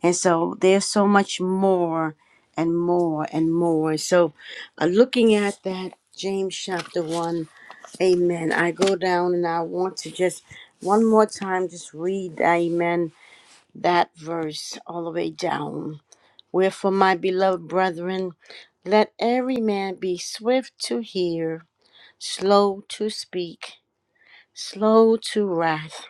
And so there's so much more and more and more. So uh, looking at that, James chapter 1, amen. I go down and I want to just one more time just read, amen, that verse all the way down. Wherefore, my beloved brethren, let every man be swift to hear, slow to speak, slow to wrath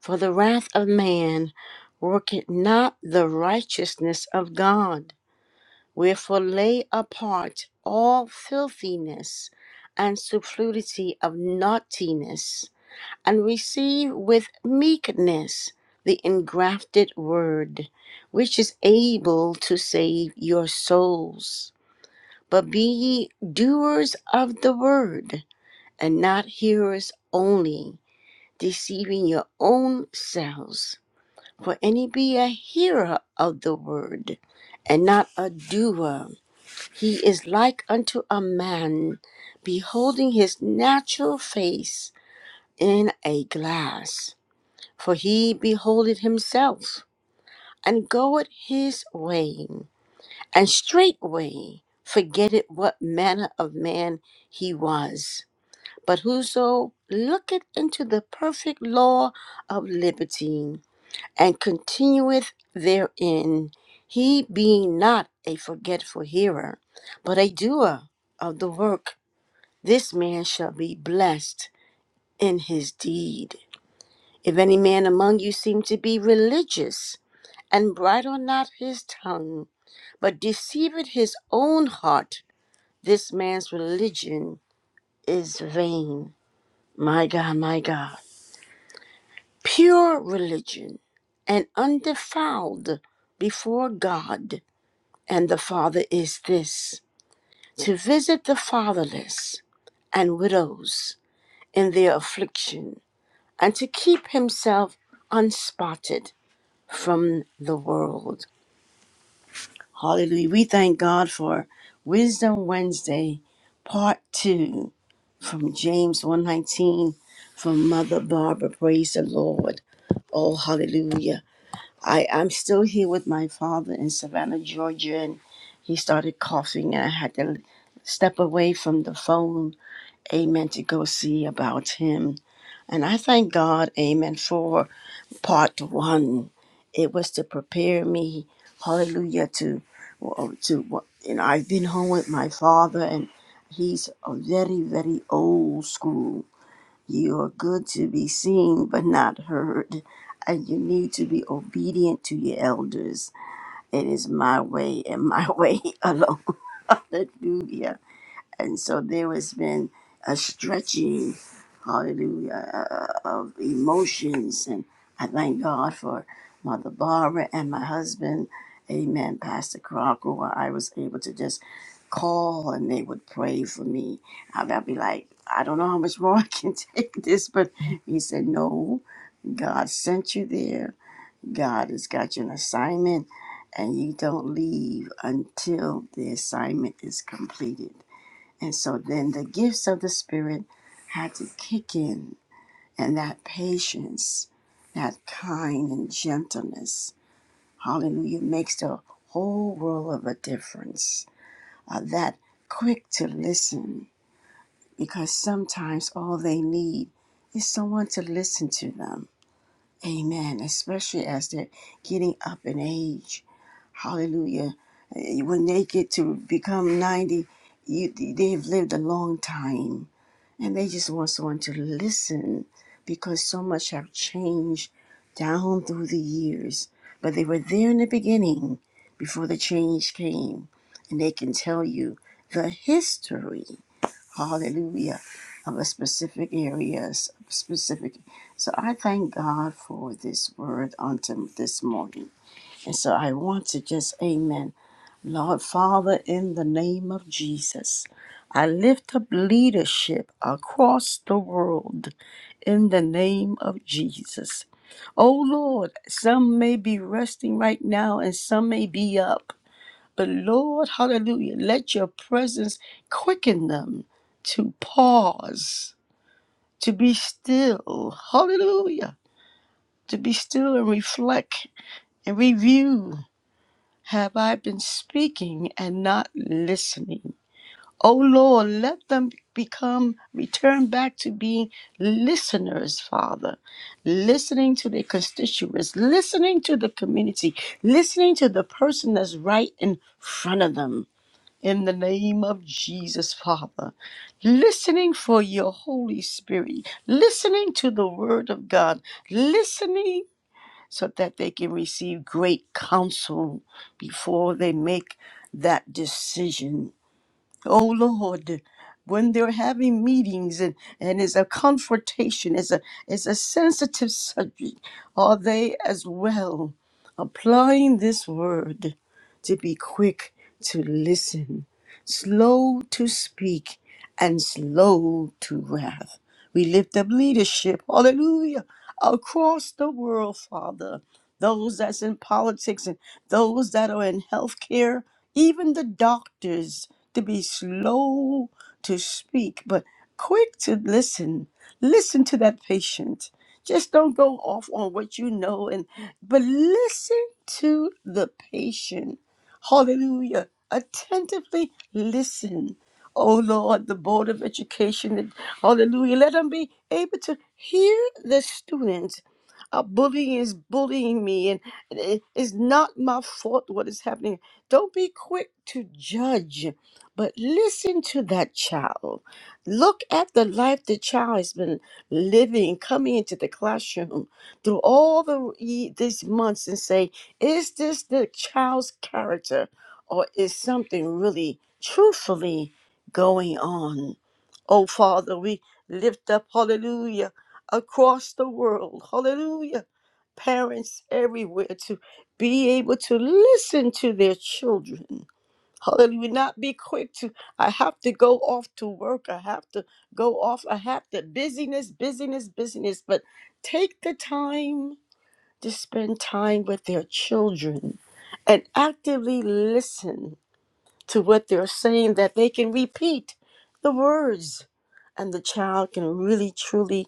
For the wrath of man worketh not the righteousness of God. Wherefore lay apart all filthiness and superfluity of naughtiness, and receive with meekness the engrafted word, which is able to save your souls. But be ye doers of the word, and not hearers only, deceiving your own selves for any be a hearer of the word and not a doer. He is like unto a man beholding his natural face in a glass, for he beholdeth himself and goeth his way, and straightway forgetteth what manner of man he was. But whoso looketh into the perfect law of liberty, and continueth therein, he being not a forgetful hearer, but a doer of the work, this man shall be blessed in his deed. If any man among you seem to be religious, and bridle not his tongue, but deceiveth his own heart, this man's religion is vain. My God, my God. Pure religion and undefiled before God And the Father is this to visit the fatherless and widows in their affliction, and to keep himself unspotted from the world. Hallelujah. We thank God for Wisdom Wednesday, part two, from James 119, from Mother Barbara. Praise the Lord. Oh, hallelujah. I, I'm still here with my father in Savannah, Georgia, and he started coughing, and I had to step away from the phone, amen, to go see about him. And I thank God, amen, for part one. It was to prepare me, hallelujah, to, to, you know, I've been home with my father, and he's a very, very old school. You are good to be seen, but not heard. And you need to be obedient to your elders. It is my way and my way alone. Hallelujah. And so there has been a stretching, hallelujah, uh, of emotions. And I thank God for Mother Barbara and my husband, amen, Pastor Crocker, where I was able to just call and they would pray for me. I'd I'd be like, I don't know how much more I can take this, but he said, No, God sent you there. God has got you an assignment, and you don't leave until the assignment is completed. And so then the gifts of the Spirit had to kick in, and that patience, that kind and gentleness, hallelujah, makes the whole world of a difference. Uh, that quick to listen, because sometimes all they need is someone to listen to them. Amen. Especially as they're getting up in age. Hallelujah. Uh, When they get to become 90, you, they've lived a long time and they just want someone to listen because so much have changed down through the years. But they were there in the beginning before the change came, and they can tell you the history, hallelujah, of a specific areas, specific. So I thank God for this word on to this morning. And so I want to just, amen. Lord Father, in the name of Jesus, I lift up leadership across the world in the name of Jesus. Oh Lord, some may be resting right now and some may be up. But Lord, hallelujah, let your presence quicken them to pause, to be still. Hallelujah. To be still and reflect and review. Have I been speaking and not listening? O Lord, let them become, return back to being listeners, Father, listening to their constituents, listening to the community, listening to the person that's right in front of them. In the name of Jesus, Father, listening for your Holy Spirit, listening to the Word of God, listening so that they can receive great counsel before they make that decision Oh Lord, when they're having meetings and, and it's a confrontation, it's a it's a sensitive subject, are they as well applying this word to be quick to listen, slow to speak, and slow to wrath? We lift up leadership, hallelujah, across the world, Father. Those that's in politics and those that are in healthcare, even the doctors to be slow to speak, but quick to listen. Listen to that patient. Just don't go off on what you know and but listen to the patient. Hallelujah. Attentively listen. Oh Lord, the Board of Education, hallelujah. Let them be able to hear the students. Uh, bullying is bullying me, and it- it's not my fault what is happening. Don't be quick to judge, but listen to that child. Look at the life the child has been living, coming into the classroom through all the ye- these months, and say, is this the child's character, or is something really truthfully going on? Oh Father, we lift up Hallelujah across the world. Hallelujah, parents everywhere to be able to listen to their children. Hallelujah. Not be quick to, I have to go off to work. I have to go off. I have to busyness, busyness, busyness. But take the time to spend time with their children and actively listen to what they're saying that they can repeat the words and the child can really truly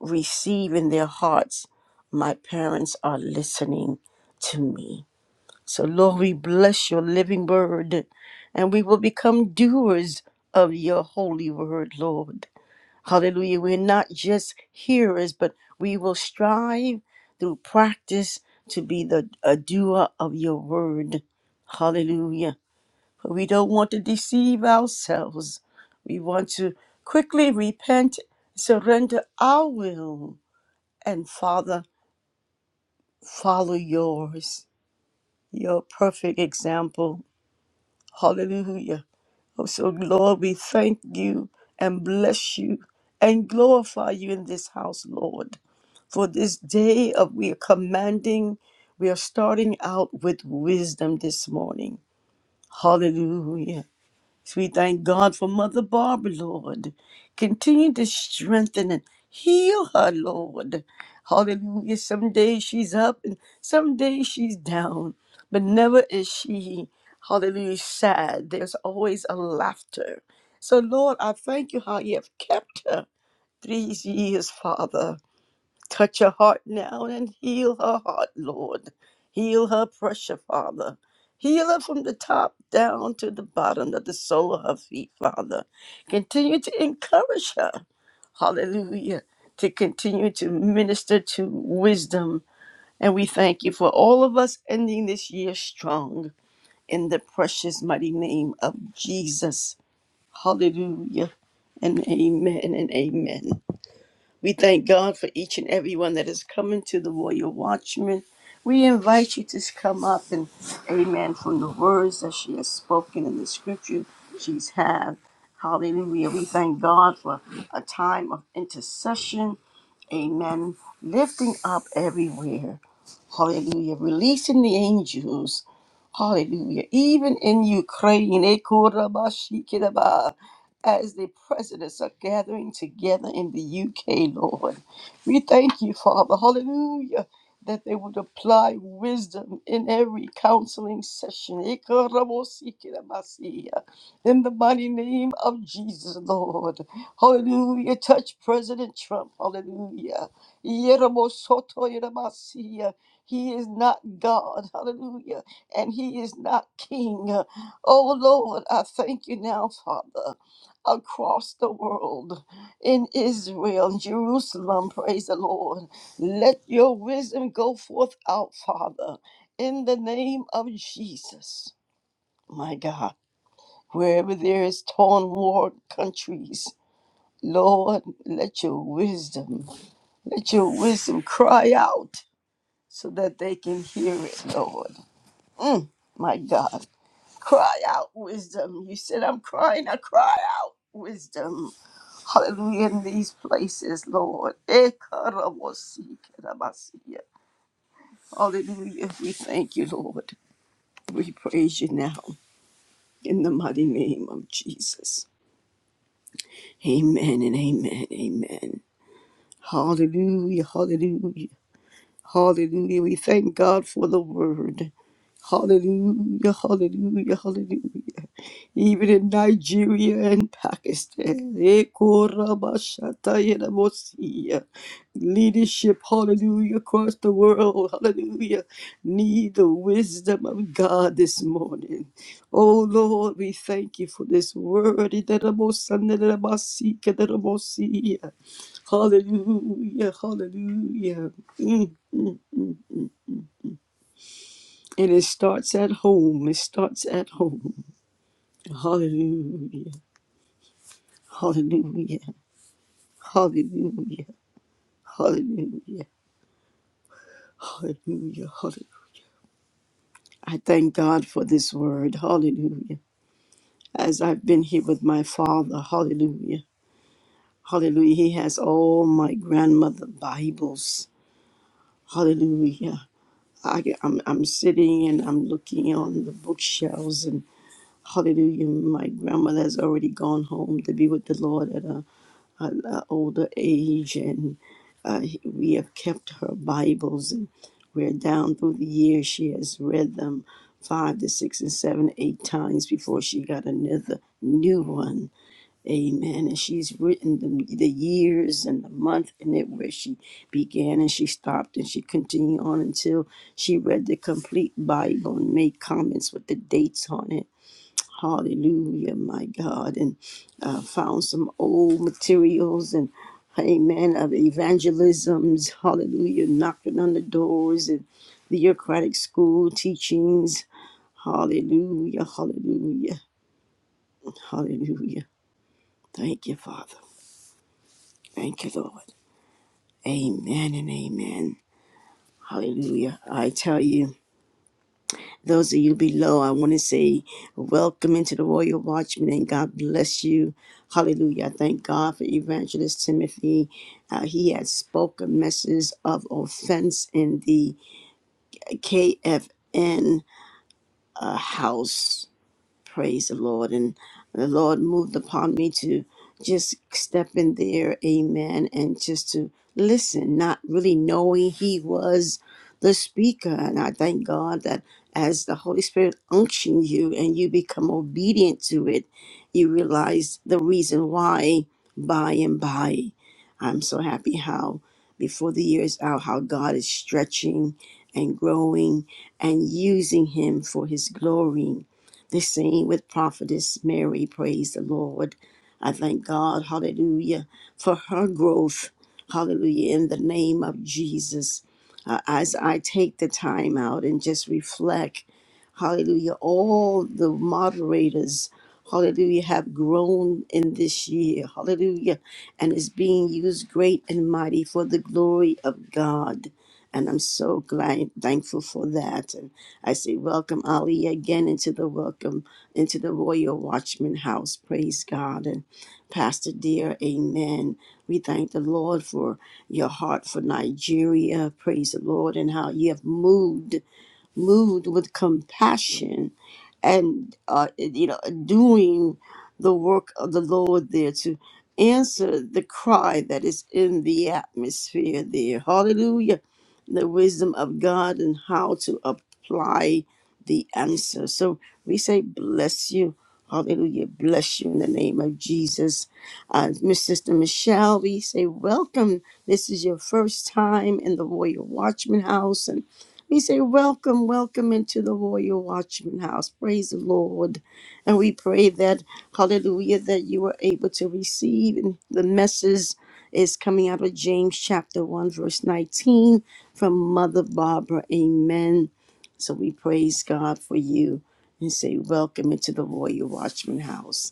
receive in their hearts. My parents are listening to me. So, Lord, we bless your living word and we will become doers of your holy word, Lord. Hallelujah. We're not just hearers, but we will strive through practice to be the a doer of your word. Hallelujah. For we don't want to deceive ourselves. We want to quickly repent, surrender our will, and Father, follow yours, your perfect example. Hallelujah. Oh, so, Lord, we thank you and bless you and glorify you in this house, Lord, for this day of we are commanding, we are starting out with wisdom this morning. Hallelujah. So we thank God for Mother Barbara, Lord. Continue to strengthen and heal her, Lord. Hallelujah. Some days she's up and some days she's down, but never is she, hallelujah, sad. There's always a laughter. So, Lord, I thank you how you have kept her these years, Father. Touch her heart now and heal her heart, Lord. Heal her pressure, Father. Heal her from the top down to the bottom of the sole of her feet, Father. Continue to encourage her. Hallelujah. To continue to minister to wisdom. And we thank you for all of us ending this year strong in the precious mighty name of Jesus. Hallelujah. And amen and amen. We thank God for each and every one that is coming to the Royal Watchman. We invite you to come up and amen from the words that she has spoken in the scripture she's had. Hallelujah. We thank God for a time of intercession. Amen. Lifting up everywhere. Hallelujah. Releasing the angels. Hallelujah. Even in Ukraine, eh, korabashikiraba, as the presidents are gathering together in the UK, Lord. We thank you, Father. Hallelujah. That they would apply wisdom in every counseling session. eh, korabosikirabasiya. In the mighty name of Jesus, Lord. Hallelujah. Touch President Trump. Hallelujah. Yerobosoto he is not God, hallelujah, and He is not King. Oh Lord, I thank you now, Father, across the world, in Israel, Jerusalem, praise the Lord. Let your wisdom go forth out, Father, in the name of Jesus, my God. Wherever there is torn war countries, Lord, let your wisdom, let your wisdom cry out so that they can hear it, Lord. my God. Cry out wisdom. You said, I'm crying. I cry out wisdom. Hallelujah. In these places, Lord. Ekarabosikerabasiya. Hallelujah. We thank you, Lord. We praise you now in the mighty name of Jesus. Amen and amen. Amen. Hallelujah. Hallelujah. Hallelujah. We thank God for the word. Hallelujah. Hallelujah. Hallelujah. even in Nigeria and Pakistan. Ekorabashatayenamosia. Leadership, hallelujah, across the world, hallelujah. Need the wisdom of God this morning. Oh Lord, we thank you for this word. Itanamosanamasikenamosia. Hallelujah, hallelujah. Mm, mm. And it starts at home. It starts at home. Hallelujah. Hallelujah. Hallelujah. Hallelujah. Hallelujah. Hallelujah. I thank God for this word. Hallelujah. As I've been here with my father. Hallelujah. Hallelujah. He has all my grandmother Bibles. Hallelujah. I, I'm, I'm sitting and I'm looking on the bookshelves and hallelujah. My grandmother has already gone home to be with the Lord at a. an uh, older age, and uh, we have kept her Bibles, and where down through the years. She has read them five to six and seven, eight times before she got another new one. Amen. And she's written the, the years and the month and it where she began and she stopped and she continued on until she read the complete Bible and made comments with the dates on it Hallelujah, my God. And uh, found some old materials and, amen, of evangelisms. Hallelujah, knocking on the doors and the Eucharistic school teachings. Hallelujah, hallelujah, hallelujah. Thank you, Father. Thank you, Lord. Amen and amen. Hallelujah. I tell you. Those of you below, I want to say welcome into the Royal Watchman and God bless you. Hallelujah. I Thank God for Evangelist Timothy. Uh, he has spoken messages of offense in the KFN uh, house. Praise the Lord. And the Lord moved upon me to just step in there, amen, and just to listen, not really knowing He was the speaker. And I thank God that as the Holy Spirit unctions you and you become obedient to it, you realize the reason why by and by. I'm so happy how before the year is out, how God is stretching and growing and using him for his glory they sing with prophetess Mary, praise the Lord. I thank God, hallelujah, for her growth, hallelujah, in the name of Jesus. Uh, as I take the time out and just reflect, hallelujah, all the moderators, hallelujah, have grown in this year, hallelujah, and is being used great and mighty for the glory of God. And I'm so glad, thankful for that. And I say, welcome Ali again into the welcome into the Royal Watchman House. Praise God and Pastor dear, Amen. We thank the Lord for your heart for Nigeria. Praise the Lord and how you have moved moved with compassion and uh, you know doing the work of the Lord there to answer the cry that is in the atmosphere there. Hallelujah. The wisdom of God and how to apply the answer. So we say, bless you. Hallelujah. Bless you in the name of Jesus. Uh, Miss Sister Michelle, we say, welcome. This is your first time in the Royal Watchman House. and. We say, Welcome, welcome into the Warrior Watchman House. Praise the Lord. And we pray that, hallelujah, that you are able to receive. And the message is coming out of James chapter 1, verse 19 from Mother Barbara. Amen. So we praise God for you and say, Welcome into the Warrior Watchman House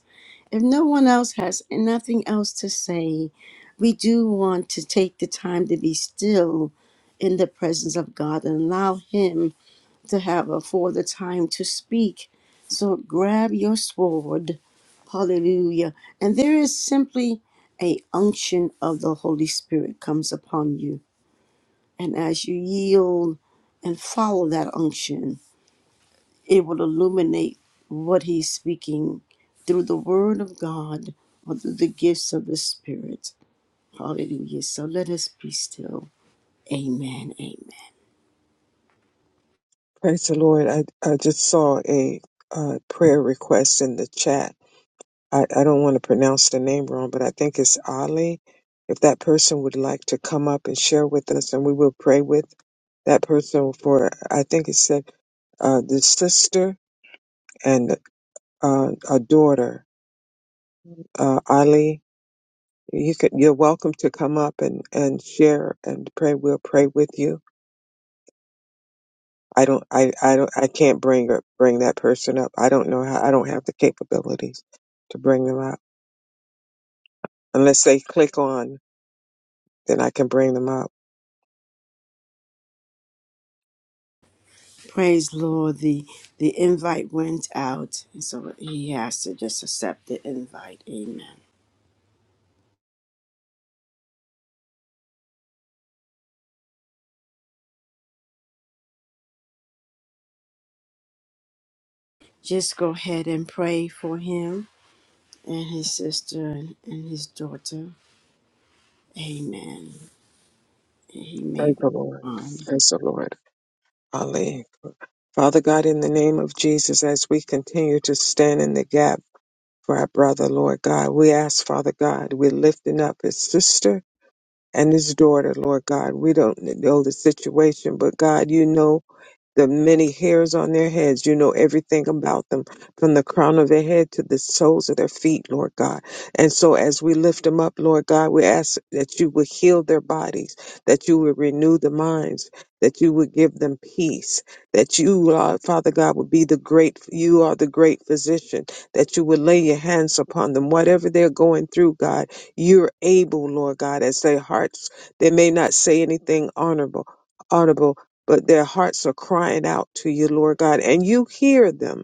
if no one else has nothing else to say, we do want to take the time to be still in the presence of God and allow Him to have a for the time to speak. So grab your sword, hallelujah. And there is simply a unction of the Holy Spirit comes upon you. And as you yield and follow that unction, it will illuminate what he's speaking through the word of God or through the gifts of the Spirit. Hallelujah. So let us be still. Amen. Amen.
Praise the Lord. I, I just saw a uh, prayer request in the chat. I, I don't want to pronounce the name wrong, but I think it's Ali. If that person would like to come up and share with us, and we will pray with that person for, I think it said uh, the sister and uh, a daughter. Uh, Ali, you could, you're welcome to come up and, and share and pray. We'll pray with you I don't I I don't I can't bring up bring that person up. I don't know how I don't have the capabilities to bring them up. Unless they click on, then I can bring them up.
Praise Lord. The the invite went out. And so he has to just accept the invite. Amen. Just go ahead and pray for him and his sister and, and his daughter. Amen. He may
Praise
be
the Lord.
um,
Praise the Lord. Ali. Father God, in the name of Jesus, as we continue to stand in the gap for our brother, Lord God, we ask, Father God, we're lifting up his sister and his daughter, Lord God. We don't know the situation, but God, you know the many hairs on their heads. You know everything about them from the crown of their head to the soles of their feet, Lord God. And so as we lift them up, Lord God, we ask that you would heal their bodies, that you would renew the minds, that you would give them peace, that you, Lord, Father God, would be the great, you are the great physician, that you would lay your hands upon them, whatever they're going through, God, you're able, Lord God, as their hearts, they may not say anything honorable, audible, but their hearts are crying out to you, Lord God, and you hear them.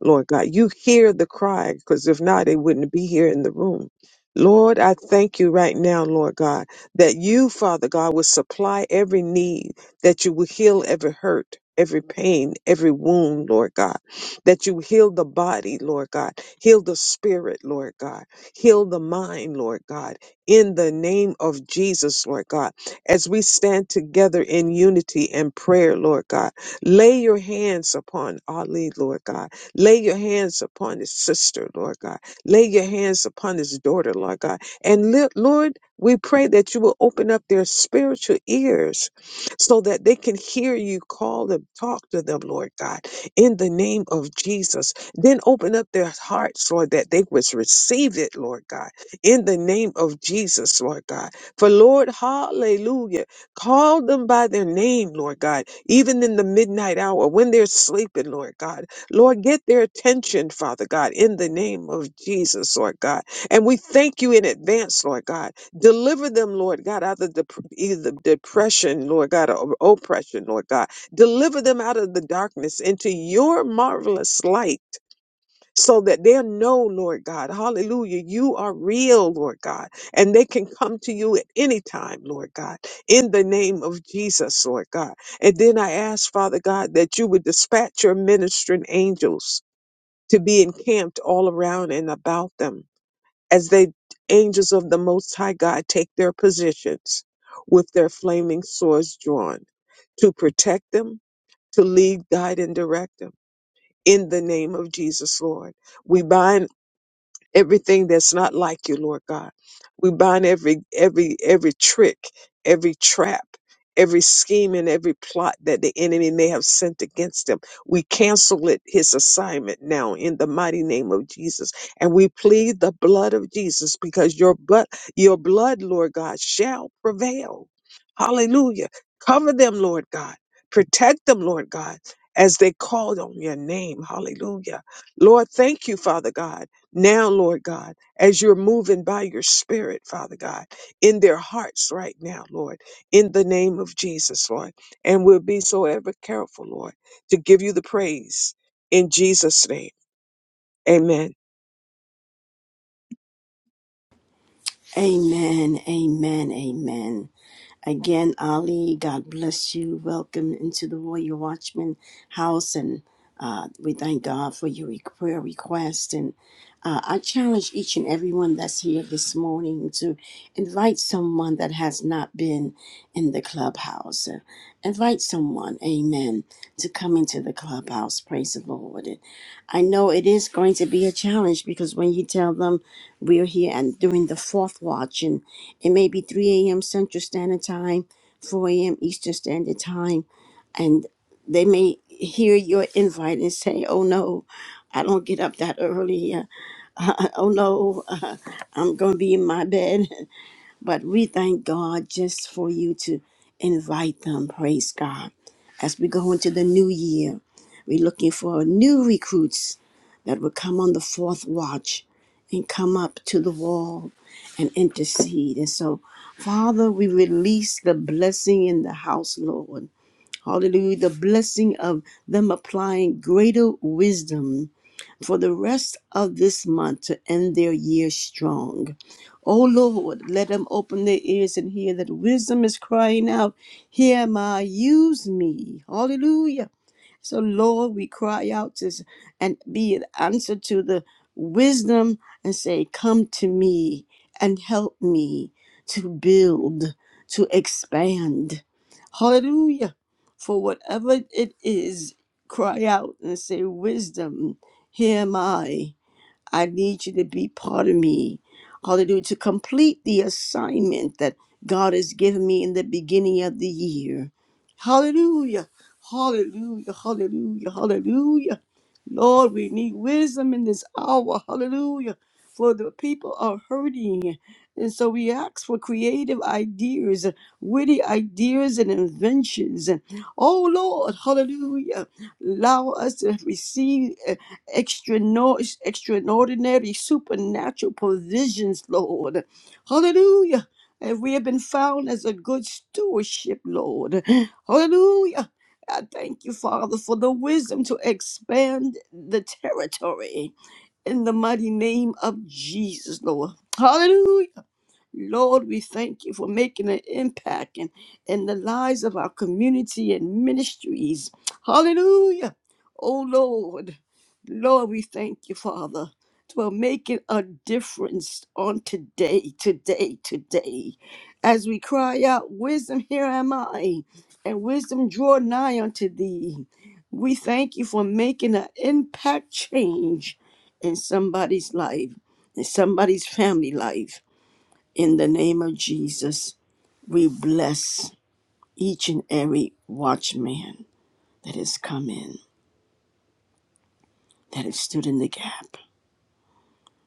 Lord God. You hear the cry, because if not, they wouldn't be here in the room. Lord, I thank you right now, Lord God, that you, Father God, will supply every need, that you will heal every hurt, every pain, every wound, Lord God, that you heal the body, Lord God, heal the spirit, Lord God, heal the mind, Lord God, in the name of Jesus, Lord God, as we stand together in unity and prayer, Lord God. Lay your hands upon Ali, Lord God Lay your hands upon his sister, Lord God. Lay your hands upon his daughter, Lord God. And li- Lord, we pray that you will open up their spiritual ears so that they can hear you call them, talk to them, Lord God, in the name of Jesus. Then open up their hearts, Lord, that they would receive it, Lord God, in the name of Jesus, Lord God. For Lord, hallelujah, call them by their name, Lord God, even in the midnight hour when they're sleeping, Lord God. Lord, get their attention, Father God, in the name of Jesus, Lord God. And we thank you in advance, Lord God. Deliver them, Lord God, out of the either depression, Lord God, or oppression, Lord God. Deliver them out of the darkness into your marvelous light. So that they'll know, Lord God, hallelujah, you are real, Lord God, and they can come to you at any time, Lord God, in the name of Jesus, Lord God. And then I ask, Father God, that you would dispatch your ministering angels to be encamped all around and about them as they angels of the most high god take their positions with their flaming swords drawn to protect them to lead guide and direct them in the name of jesus lord we bind everything that's not like you, Lord God. We bind every every every trick, every trap, every scheme and every plot that the enemy may have sent against him. We cancel it his assignment now in the mighty name of Jesus. And we plead the blood of Jesus because your blood your blood, Lord God, shall prevail. Hallelujah. Cover them, Lord God. Protect them, Lord God, as they called on your name. Hallelujah. Lord, thank you, Father God now, Lord God, as you're moving by your spirit, Father God, in their hearts right now, Lord, in the name of Jesus, Lord, and we'll be so ever careful, Lord, to give you the praise in Jesus' name. Amen.
Amen. Amen. Amen. Again, Ali, God bless you. Welcome into the Royal Watchman house. And uh, we thank God for your re- prayer request. And uh, I challenge each and everyone that's here this morning to invite someone that has not been in the clubhouse. Uh, invite someone, amen, to come into the clubhouse. Praise the Lord. And I know it is going to be a challenge because when you tell them we're here and during the fourth watch, it may be 3 a.m. Central Standard Time, 4 a.m. Eastern Standard Time, and they may hear your invite and say, Oh no, I don't get up that early. Uh, oh no, uh, I'm going to be in my bed. But we thank God just for you to invite them, praise God. As we go into the new year, we're looking for new recruits that will come on the fourth watch and come up to the wall and intercede. And so, Father, we release the blessing in the house, Lord. Hallelujah. The blessing of them applying greater wisdom for the rest of this month to end their year strong. O Lord, let them open their ears and hear that wisdom is crying out, Here am I, use me. Hallelujah. So, Lord, we cry out to, and be an answer to the wisdom and say, Come to me and help me to build, to expand. Hallelujah. For whatever it is, cry out and say, Wisdom, here am I. I need you to be part of me. Hallelujah. To complete the assignment that God has given me in the beginning of the year. Hallelujah. Hallelujah. Hallelujah. Hallelujah. Lord, we need wisdom in this hour. Hallelujah. For the people are hurting. And so we ask for creative ideas, witty ideas and inventions. And oh Lord, hallelujah. Allow us to receive extraordinary, extraordinary supernatural provisions, Lord. Hallelujah. And we have been found as a good stewardship, Lord. Hallelujah. I thank you, Father, for the wisdom to expand the territory in the mighty name of Jesus, Lord. Hallelujah. Lord, we thank you for making an impact in, in the lives of our community and ministries. Hallelujah. Oh, Lord. Lord, we thank you, Father, for making a difference on today, today, today. As we cry out, Wisdom, here am I, and wisdom, draw nigh unto thee. We thank you for making an impact change in somebody's life, in somebody's family life in the name of Jesus, we bless each and every watchman that has come in, that has stood in the gap,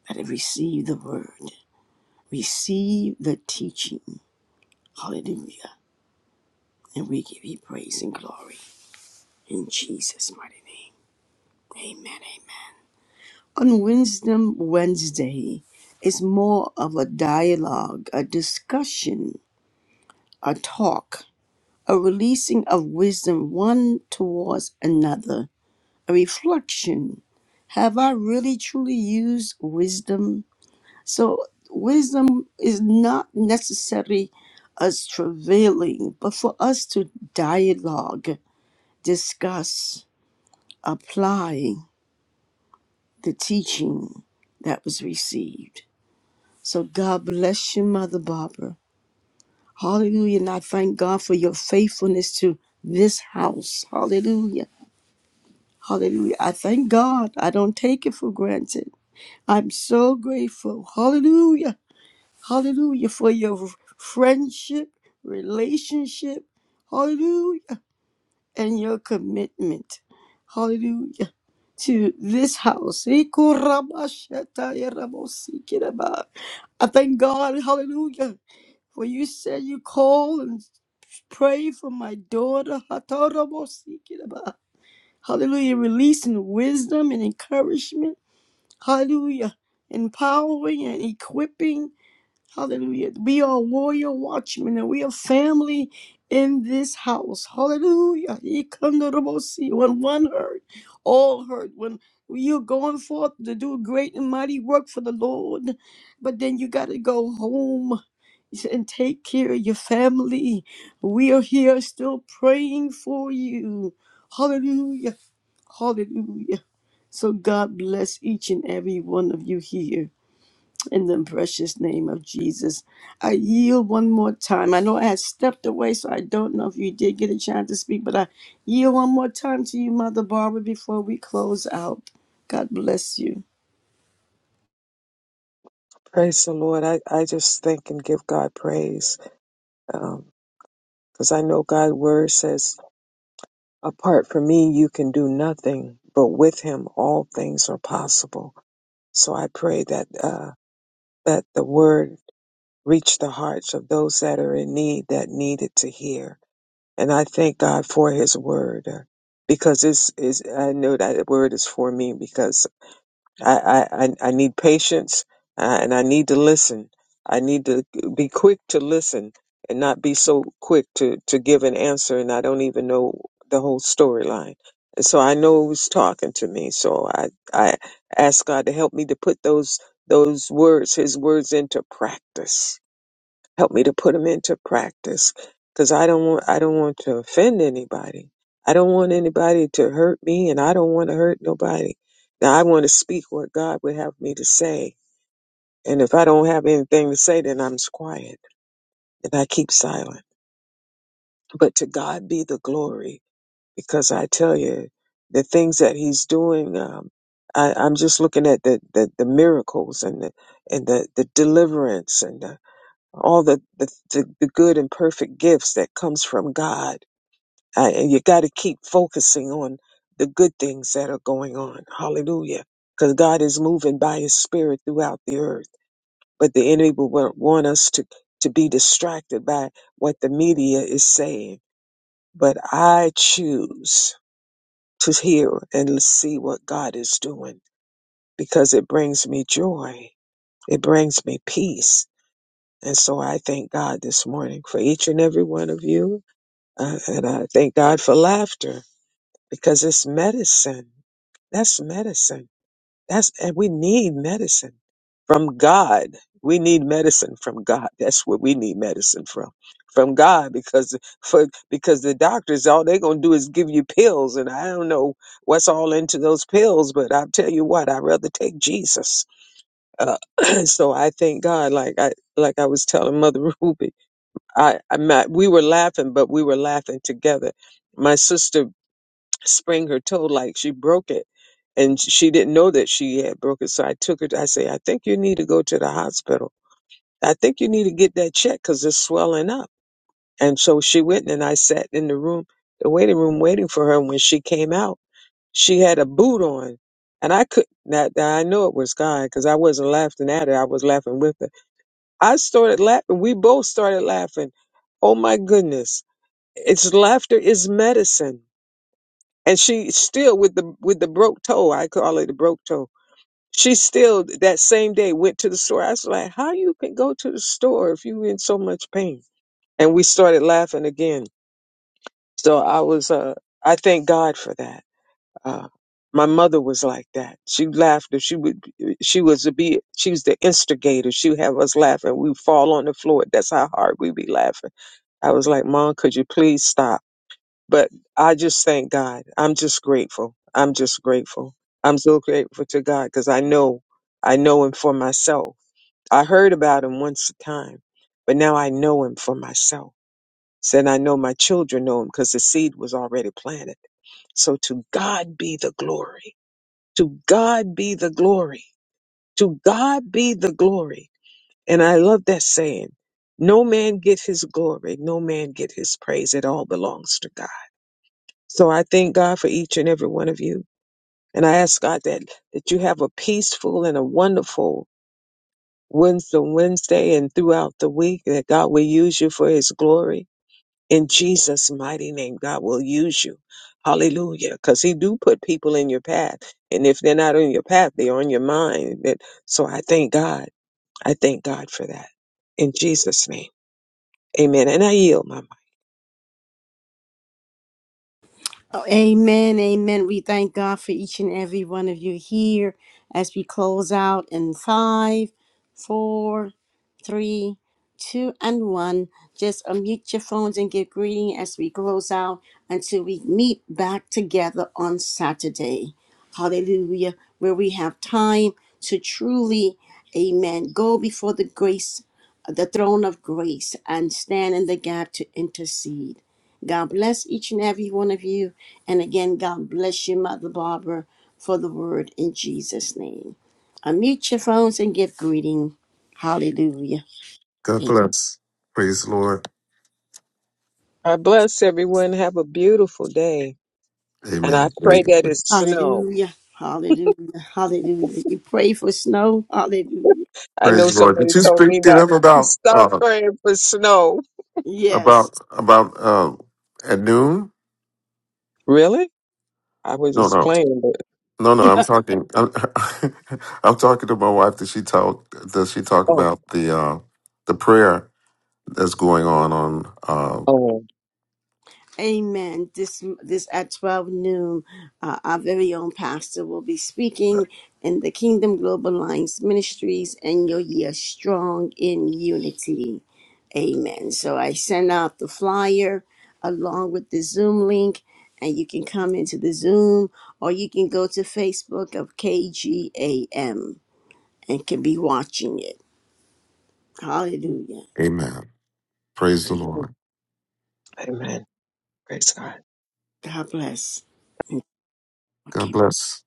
that have received the word, received the teaching. Hallelujah. And we give you praise and glory in Jesus' mighty name. Amen. Amen. On Wisdom Wednesday, it's more of a dialogue, a discussion, a talk, a releasing of wisdom one towards another reflection have i really truly used wisdom so wisdom is not necessarily us travailing but for us to dialogue discuss apply the teaching that was received so god bless you mother barbara hallelujah and i thank god for your faithfulness to this house hallelujah hallelujah i thank god i don't take it for granted I'm so grateful. Hallelujah. Hallelujah for your friendship, relationship. Hallelujah. And your commitment. Hallelujah. To this house. I thank God. Hallelujah. For you said you call and pray for my daughter. Hallelujah. Releasing wisdom and encouragement. Hallelujah. Empowering and equipping Hallelujah. We are warrior watchmen and we are family in this house. Hallelujah. Ikandorobosi. When one heard, all heard. When you're going forth to do great and mighty work for the Lord, but then you got to go home and take care of your family. We are here still praying for you. Hallelujah. Hallelujah. So God bless each and every one of you here. In the precious name of Jesus, I yield one more time. I know I had stepped away, so I don't know if you did get a chance to speak, but I yield one more time to you, Mother Barbara, before we close out. God bless you.
Praise the Lord. I, I just think and give God praise because I know God's word says, apart from me, you can do nothing, but with him, all things are possible. So I pray that, uh, that the word reach the hearts of those that are in need that needed to hear. And I thank God for His Word uh, because it's, it's, I know that Word is for me because I, I, I I need patience uh, and I need to listen. I need to be quick to listen and not be so quick to, to give an answer and I don't even know the whole storyline. And so I know who's talking to me. So I, I ask God to help me to put those those words, his words into practice help me to put them into practice because I don't want I don't want to offend anybody. I don't want anybody to hurt me and I don't want to hurt nobody. Now I want to speak what God would have me to say. And if I don't have anything to say, then I'm s- quiet and I keep silent. But to God be the glory because I tell you, the things that He's doing, um, I, I'm just looking at the, the, the miracles and the, and the, the deliverance and the. all the, the, the, the good and perfect gifts that comes from God. Uh, and you got to keep focusing on the good things that are going on. Hallelujah. Because God is moving by his spirit throughout the earth. But the enemy will wa- want us to, to be distracted by what the media is saying. But I choose to hear and see what God is doing because it brings me joy. It brings me peace. And so I thank God this morning for each and every one of you Uh, and I thank God for laughter because it's medicine. That's medicine. That's and we need medicine from God. We need medicine from God. That's what we need medicine from. From God because for because the doctors all they're gonna do is give you pills and I don't know what's all into those pills, but I'll tell you what, I'd rather take Jesus. Uh, so I thank God like I like I was telling Mother Ruby. I, I'm not, we were laughing, but we were laughing together. My sister sprained her toe like she broke it and she didn't know that she had broke it. So I took her, to, I say, I think you need to go to the hospital. I think you need to get that checked because it's swelling up. And so she went and I sat in the room, the waiting room waiting for her. And when she came out, she had a boot on and I could not, I know it was God because I wasn't laughing at her. I was laughing with her. I started laughing. We both started laughing. Oh my goodness it's laughter is medicine. And she still with the with the broke toe, I call it a broke toe. She still that same day went to the store. I was like, How you can go to the store if you in so much pain? And we started laughing again. So I was uh I thank God for that. Uh my mother was like that. She laughed if she would she was to be she was the instigator. She would have us laughing. We would fall on the floor. That's how hard we be laughing. I was like, Mom, could you please stop? But I just thank God. I'm just grateful. I'm just grateful. I'm so grateful to God because I know, I know Him for myself. I heard about Him once a time, but now I know Him for myself. Said I know my children know Him because the seed was already planted. So to God be the glory. To God be the glory. To God be the glory. And I love that saying. No man get his glory. No man get his praise. It all belongs to God. So I thank God for each and every one of you. And I ask God that, that you have a peaceful and a wonderful Wednesday, Wednesday and throughout the week, that God will use you for his glory. In Jesus' mighty name, God will use you. Hallelujah. Because he do put people in your path. And if they're not on your path, they're on your mind. That- So I thank God. I thank God for that. In Jesus' name. Amen. And I yield my mind.
Oh, amen, amen. We thank God for each and every one of you here as we close out in five, four, three, two, and one. Just unmute your phones and give greeting as we close out until we meet back together on Saturday. Hallelujah, where we have time to truly, amen, go before the grace, the throne of grace, and stand in the gap to intercede. God bless each and every one of you. And again, God bless you, Mother Barbara, for the word in Jesus' name. Unmute your phones and give greeting. Hallelujah.
God bless. Praise the Lord.
I bless everyone. Have a beautiful day. And I
Amen.
pray
Great.
that it snow.
Hallelujah. Hallelujah. Hallelujah. You pray for snow. Hallelujah.
I know
Praise the Lord.
somebody
Did you
told me
speak to
that.
them about?
Stop
uh,
praying for snow.
Yes.
about about uh, at noon.
Really? I was
No,
just
no,
playing, but
no, no. I'm talking. I'm, talking to my wife. That she talk. Does she talk
oh,
about the uh, the prayer that's going on on? Uh,
oh.
Amen. This this at twelve noon, uh, our very own pastor will be speaking in the Kingdom Global Lines Ministries, and your year strong in unity. Amen. So I send out the flyer along with the Zoom link, and you can come into the Zoom, or you can go to Facebook of KGAM and can be watching it.
well.
Hallelujah.
Amen. Praise the
Amen.
Lord.
Amen. Praise God.
God bless. Mm,
God
Okay.
bless.